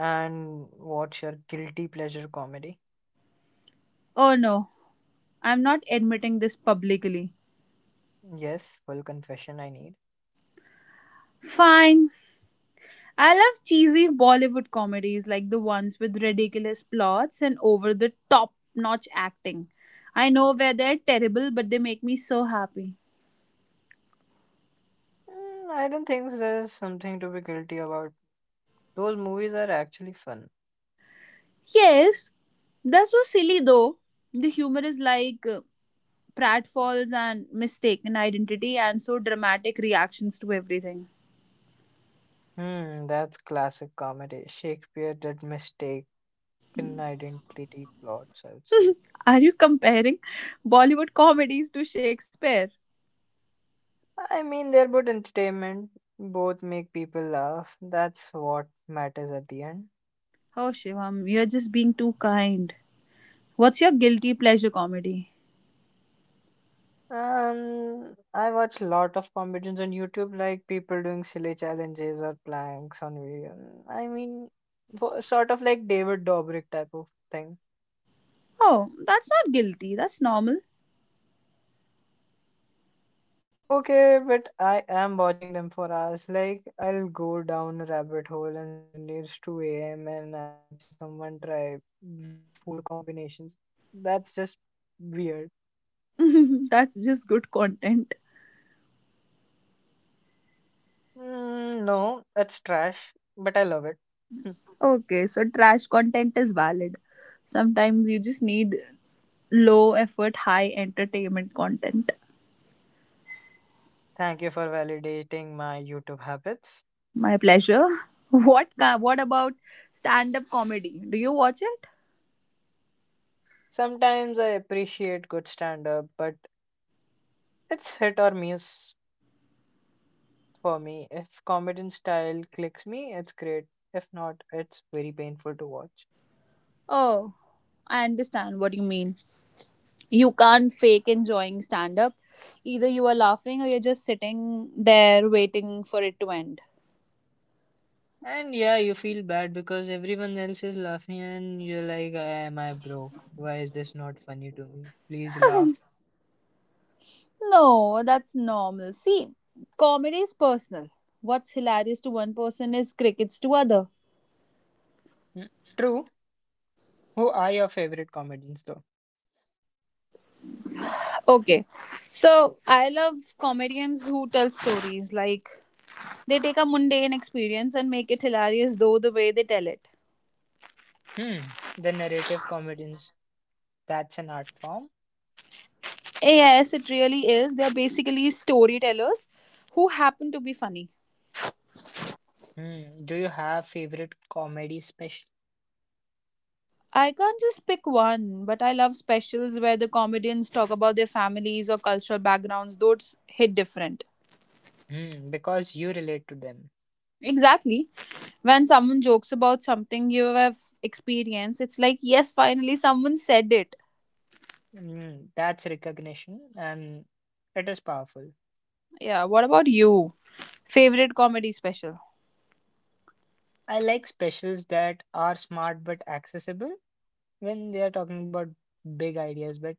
Speaker 1: And what's your guilty pleasure comedy?
Speaker 2: Oh no, I'm not admitting this publicly.
Speaker 1: Yes, full confession I need.
Speaker 2: Fine. I love cheesy Bollywood comedies like the ones with ridiculous plots and over the top notch acting. I know where they're terrible, but they make me so happy.
Speaker 1: Mm, I don't think there's something to be guilty about. Those movies are actually fun.
Speaker 2: Yes, they're so silly though. The humor is like pratfalls and mistaken identity, and so dramatic reactions to everything.
Speaker 1: Hmm, that's classic comedy. Shakespeare did mistaken identity plots, I would say.
Speaker 2: Are you comparing Bollywood comedies to Shakespeare?
Speaker 1: I mean, they're both entertainment, both make people laugh. That's what matters at the end.
Speaker 2: Oh, Shivam, you're just being too kind. What's your guilty pleasure comedy?
Speaker 1: I watch a lot of competitions on YouTube, like people doing silly challenges or planks on video. I mean, sort of like David Dobrik type of thing.
Speaker 2: Oh, that's not guilty, that's normal.
Speaker 1: Okay, but I am watching them for hours. Like, I'll go down a rabbit hole and suddenly it's 2 a.m. and I'm watching someone try weird food combinations. That's just weird.
Speaker 2: That's just good content.
Speaker 1: Mm, no, that's trash, but I love it.
Speaker 2: Okay, so trash content is valid. Sometimes you just need low effort, high entertainment content.
Speaker 1: Thank you for validating my YouTube habits.
Speaker 2: My pleasure. What about stand-up comedy? Do you watch it?
Speaker 1: Sometimes I appreciate good stand up, but it's hit or miss for me. If comedian style clicks me, it's great. If not, it's very painful to watch.
Speaker 2: Oh, I understand what you mean. You can't fake enjoying stand-up. Either you are laughing or you're just sitting there waiting for it to end.
Speaker 1: And yeah, you feel bad because everyone else is laughing and you're like, "Ah, am I broke? Why is this not funny to me? Please laugh."
Speaker 2: No, that's normal. See, comedy is personal. What's hilarious to one person is crickets to other.
Speaker 1: Hmm. True. Who are your favorite comedians though?
Speaker 2: Okay. So, I love comedians who tell stories like they take a mundane experience and make it hilarious though the way they tell it.
Speaker 1: Hmm. The narrative comedians. That's an art form.
Speaker 2: Yes, it really is. They're basically storytellers who happen to be funny.
Speaker 1: Hmm. Do you have favorite comedy special?
Speaker 2: I can't just pick one, but I love specials where the comedians talk about their families or cultural backgrounds. Those hit different.
Speaker 1: Hmm. Because you relate to them.
Speaker 2: Exactly. When someone jokes about something you have experienced, it's like, yes, finally someone said it.
Speaker 1: Hmm. That's recognition and it is powerful.
Speaker 2: Yeah, what about you? Favorite comedy special?
Speaker 1: I like specials that are smart but accessible when they are talking about big ideas but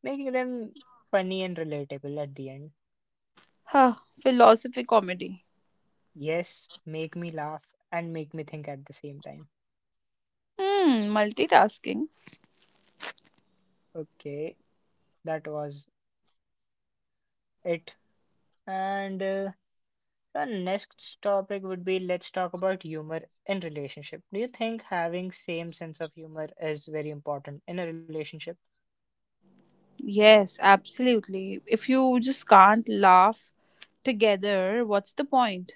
Speaker 1: making them funny and relatable at the end.
Speaker 2: Huh, philosophy comedy.
Speaker 1: Yes, make me laugh and make me think at the same time.
Speaker 2: Hmm, multitasking.
Speaker 1: Okay, that was it. And the next topic would be let's talk about humor in relationship. Do you think having same sense of humor is very important in a relationship?
Speaker 2: Yes, absolutely. If you just can't laugh together, what's the point?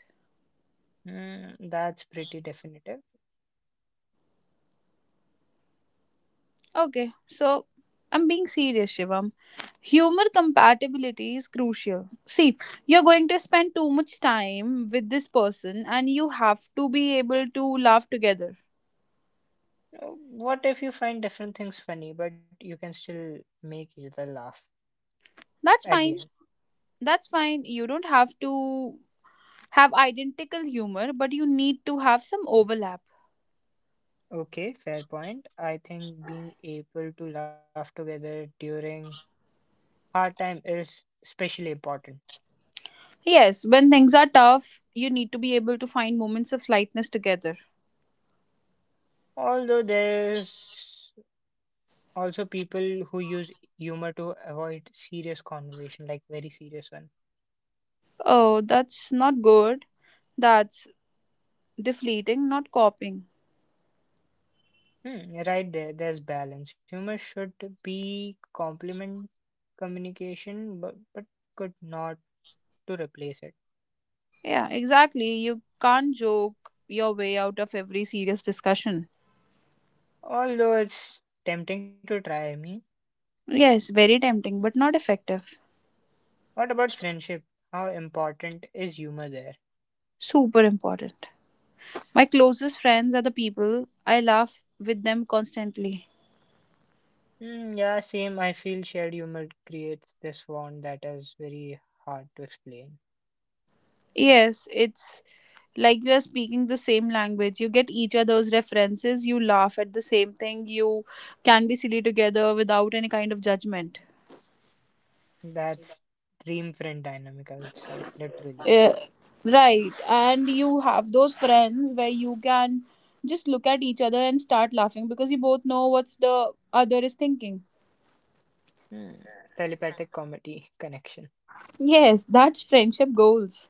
Speaker 1: Mm, that's pretty definitive.
Speaker 2: Okay, so I'm being serious, Shivam. Humor compatibility is crucial. See, you're going to spend too much time with this person and you have to be able to laugh together.
Speaker 1: Uh, What if you find different things funny, but you can still make each other laugh
Speaker 2: That's
Speaker 1: at the
Speaker 2: fine.
Speaker 1: end?
Speaker 2: That's fine. You don't have to have identical humor, but you need to have some overlap.
Speaker 1: Okay, fair point. I think being able to laugh together during hard time is especially important.
Speaker 2: Yes, when things are tough, you need to be able to find moments of lightness together.
Speaker 1: Although there's also people who use humor to avoid serious conversation, like very serious one.
Speaker 2: Oh, that's not good. That's deflating, not copying.
Speaker 1: Hmm, you're right there, there's balance. Humor should be complement communication, but could not to replace it.
Speaker 2: Yeah, exactly. You can't joke your way out of every serious discussion.
Speaker 1: Although it's tempting to try, I mean,
Speaker 2: Yes, very tempting, but not effective.
Speaker 1: what about friendship? How important is humor there?
Speaker 2: Super important. My closest friends are the people I laugh with them constantly.
Speaker 1: Mm, yeah, same. I feel shared humor creates this bond that is very hard to explain.
Speaker 2: Yes, it's like you are speaking the same language. You get each other's references, you laugh at the same thing, you can be silly together without any kind of judgment.
Speaker 1: That's dream friend dynamic, I would say, literally.
Speaker 2: Uh, right. And you have those friends where you can just look at each other and start laughing because you both know what's the other is thinking.
Speaker 1: Hmm. Telepathic comedy connection.
Speaker 2: Yes, that's friendship goals.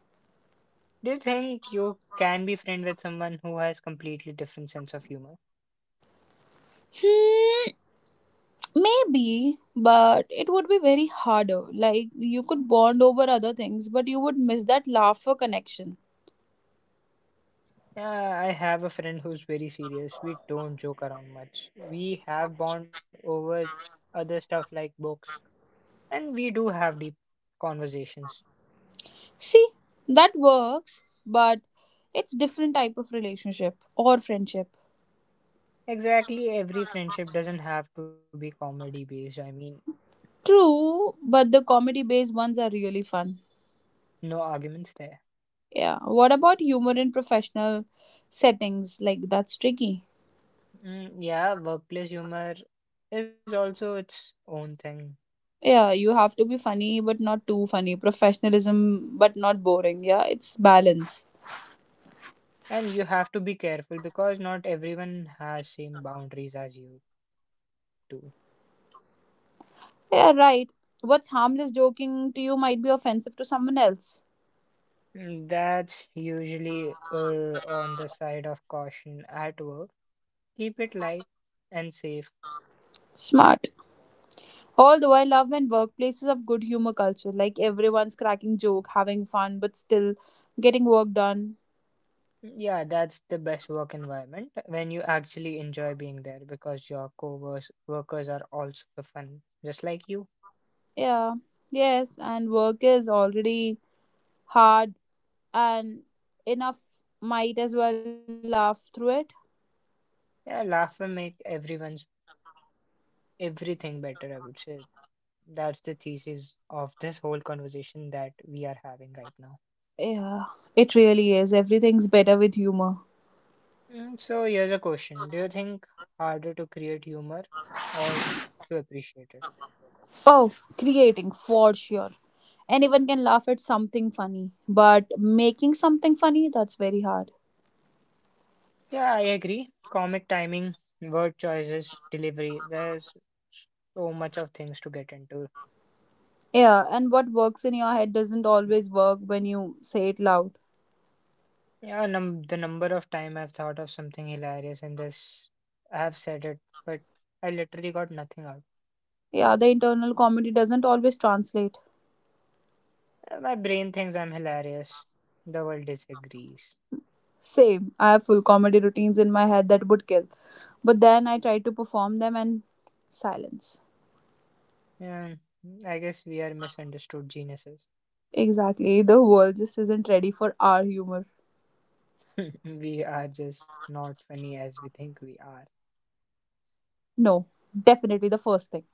Speaker 1: Do you think you can be friend with someone who has completely different sense of humor?
Speaker 2: Hmm, maybe, but it would be very harder. Like you could bond over other things, but you would miss that laughter connection.
Speaker 1: Yeah, I have a friend who's very serious. We don't joke around much. We have bond over other stuff like books, and we do have deep conversations.
Speaker 2: See, that works, but it's different type of relationship or friendship.
Speaker 1: Exactly, every friendship doesn't have to be comedy based. I mean,
Speaker 2: True, but the comedy based ones are really fun.
Speaker 1: no arguments there.
Speaker 2: Yeah. What about humor in professional settings? Like that's tricky.
Speaker 1: Mm, yeah, workplace humor is also its own thing.
Speaker 2: Yeah, you have to be funny but not too funny. Professionalism but not boring. Yeah, it's balance.
Speaker 1: And you have to be careful because not everyone has same boundaries as you do.
Speaker 2: Yeah, right. What's harmless joking to you might be offensive to someone else.
Speaker 1: Mm, that's usually on the side of caution at work. Keep it light and safe.
Speaker 2: Smart. Although I love when workplaces have good humor culture, like everyone's cracking joke, having fun, but still getting work done.
Speaker 1: Mm, yeah, that's the best work environment when you actually enjoy being there because your co workers are also fun, just like you.
Speaker 2: Yeah. Yes, and work is already hard and enough might as well laugh through it.
Speaker 1: Yeah, laughter make everyone's everything better, I would say. That's the thesis of this whole conversation that we are having right now.
Speaker 2: Yeah, it really is. Everything's better with humor.
Speaker 1: Mm, so here's a question. Do you think harder to create humor or to appreciate it?
Speaker 2: Oh, creating for sure. Anyone can laugh at something funny, but making something funny, that's very hard.
Speaker 1: Yeah, I agree. Comic timing, word choices, delivery, there's so much of things to get into.
Speaker 2: Yeah, and what works in your head doesn't always work when you say it loud.
Speaker 1: Yeah, num the number of time I've thought of something hilarious and this I have said it, but I literally got nothing out.
Speaker 2: Yeah, the internal comedy doesn't always translate.
Speaker 1: My brain thinks I'm hilarious. The world disagrees.
Speaker 2: Same, I have full comedy routines in my head that would kill, but then I try to perform them and silence.
Speaker 1: Yeah, I guess we are misunderstood geniuses.
Speaker 2: Exactly. The world just isn't ready for our humor.
Speaker 1: We are just not funny as we think we are.
Speaker 2: No, definitely the first thing.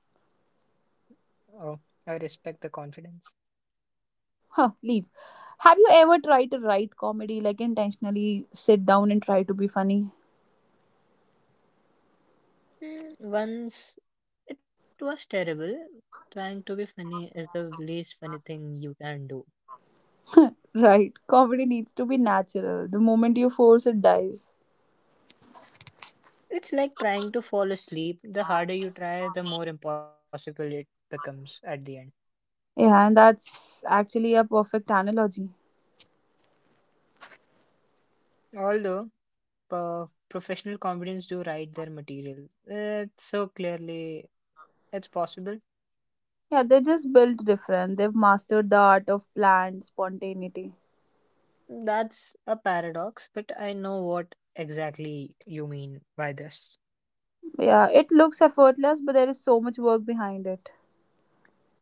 Speaker 1: Oh, I respect the confidence.
Speaker 2: Huh, leave. Have you ever tried to write comedy, like intentionally sit down and try to be funny?
Speaker 1: Mm, once it was terrible. Trying to be funny is the least funny thing you can do.
Speaker 2: Right. Comedy needs to be natural. The moment you force it dies.
Speaker 1: It's like trying to fall asleep. The harder you try, the more impossible it becomes at the end.
Speaker 2: Yeah, and that's actually a perfect analogy.
Speaker 1: Although uh, professional comedians do write their material. It's so clearly it's possible.
Speaker 2: Yeah, they're just built different. They've mastered the art of planned spontaneity.
Speaker 1: That's a paradox, but I know what exactly you mean by this.
Speaker 2: Yeah, it looks effortless, but there is so much work behind it.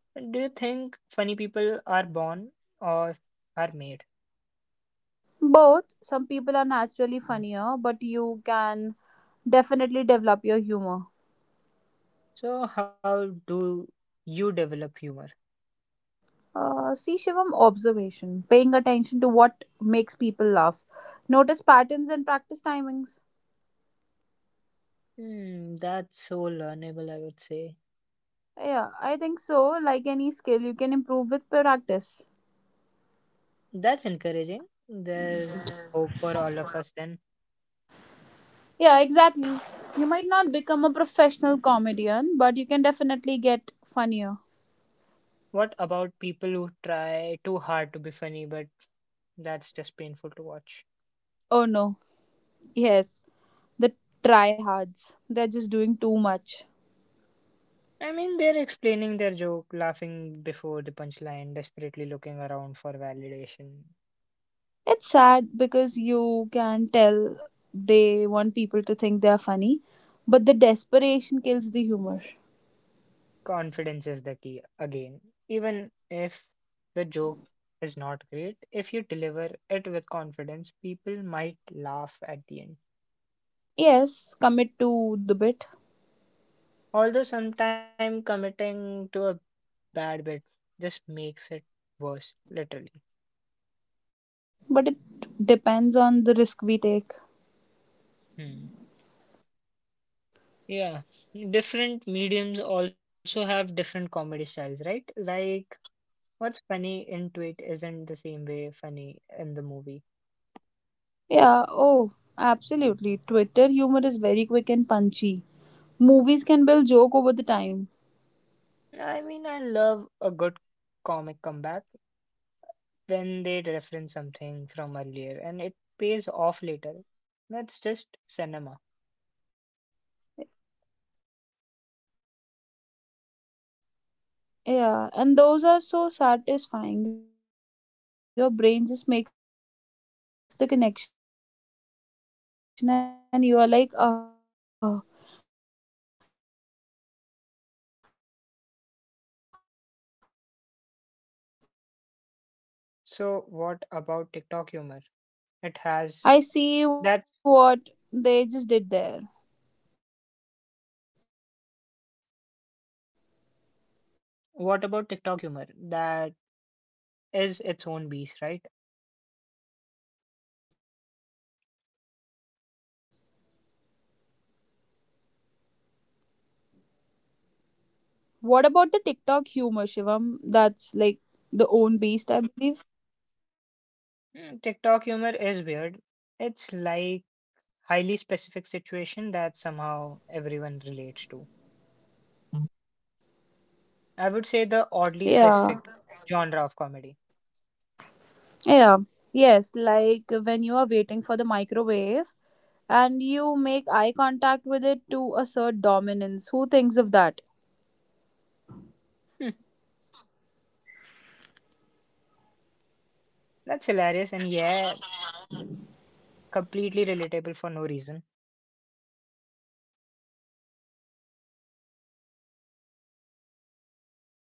Speaker 1: Do you think funny people are born or are made?
Speaker 2: Both, some people are naturally funnier, but you can definitely develop your humor.
Speaker 1: So how do you develop humor?
Speaker 2: See, Shivam, observation, paying attention to what makes people laugh. Notice patterns and practice timings.
Speaker 1: Hmm, that's so learnable, I would say.
Speaker 2: Yeah, I think so. Like any skill, you can improve with practice.
Speaker 1: That's encouraging. There's hope for all of us then.
Speaker 2: Yeah, exactly. You might not become a professional comedian, but you can definitely get funnier.
Speaker 1: What about people who try too hard to be funny but that's just painful to watch.
Speaker 2: Oh no. Yes, the tryhards. They're just doing too much.
Speaker 1: I mean, they're explaining their joke, laughing before the punchline, desperately looking around for validation.
Speaker 2: It's sad because you can tell they want people to think they are funny, but the desperation kills the humor.
Speaker 1: Confidence is the key again. Even if the joke is not great, if you deliver it with confidence, people might laugh at the end.
Speaker 2: Yes, commit to the bit,
Speaker 1: Although sometimes committing to a bad bit just makes it worse, literally.
Speaker 2: but it depends on the risk we take.
Speaker 1: Hmm. Yeah, different mediums also have different comedy styles, right? Like what's funny into it isn't the same way funny in the movie.
Speaker 2: Yeah, oh, absolutely. Twitter humor is very quick and punchy. Movies can build joke over the time.
Speaker 1: I mean, I love a good comic comeback when they reference something from earlier and it pays off later. That's just cinema.
Speaker 2: Yeah, and those are so satisfying. Your brain just makes the connection and you are like, oh,
Speaker 1: So, what about
Speaker 2: I
Speaker 1: TikTok humor? It
Speaker 2: see
Speaker 1: has. That's.
Speaker 2: what they just did there.
Speaker 1: What about TikTok humor? That is its own beast, right?
Speaker 2: What about the TikTok humor, Shivam? That's like the own beast, I believe.
Speaker 1: Mm, TikTok humor is weird. It's
Speaker 2: Right. TikTok
Speaker 1: like
Speaker 2: humor is so weird. It's like
Speaker 1: highly
Speaker 2: highly specific
Speaker 1: specific
Speaker 2: situation that somehow everyone relates
Speaker 1: situation
Speaker 2: to.
Speaker 1: that somehow everyone relates to. I would say the oddly specific
Speaker 2: Yeah.
Speaker 1: genre of comedy.
Speaker 2: Yeah. Yes, like when you are waiting for the microwave and you make eye contact with it to a certain
Speaker 1: That's hilarious and yeah, completely relatable for no reason.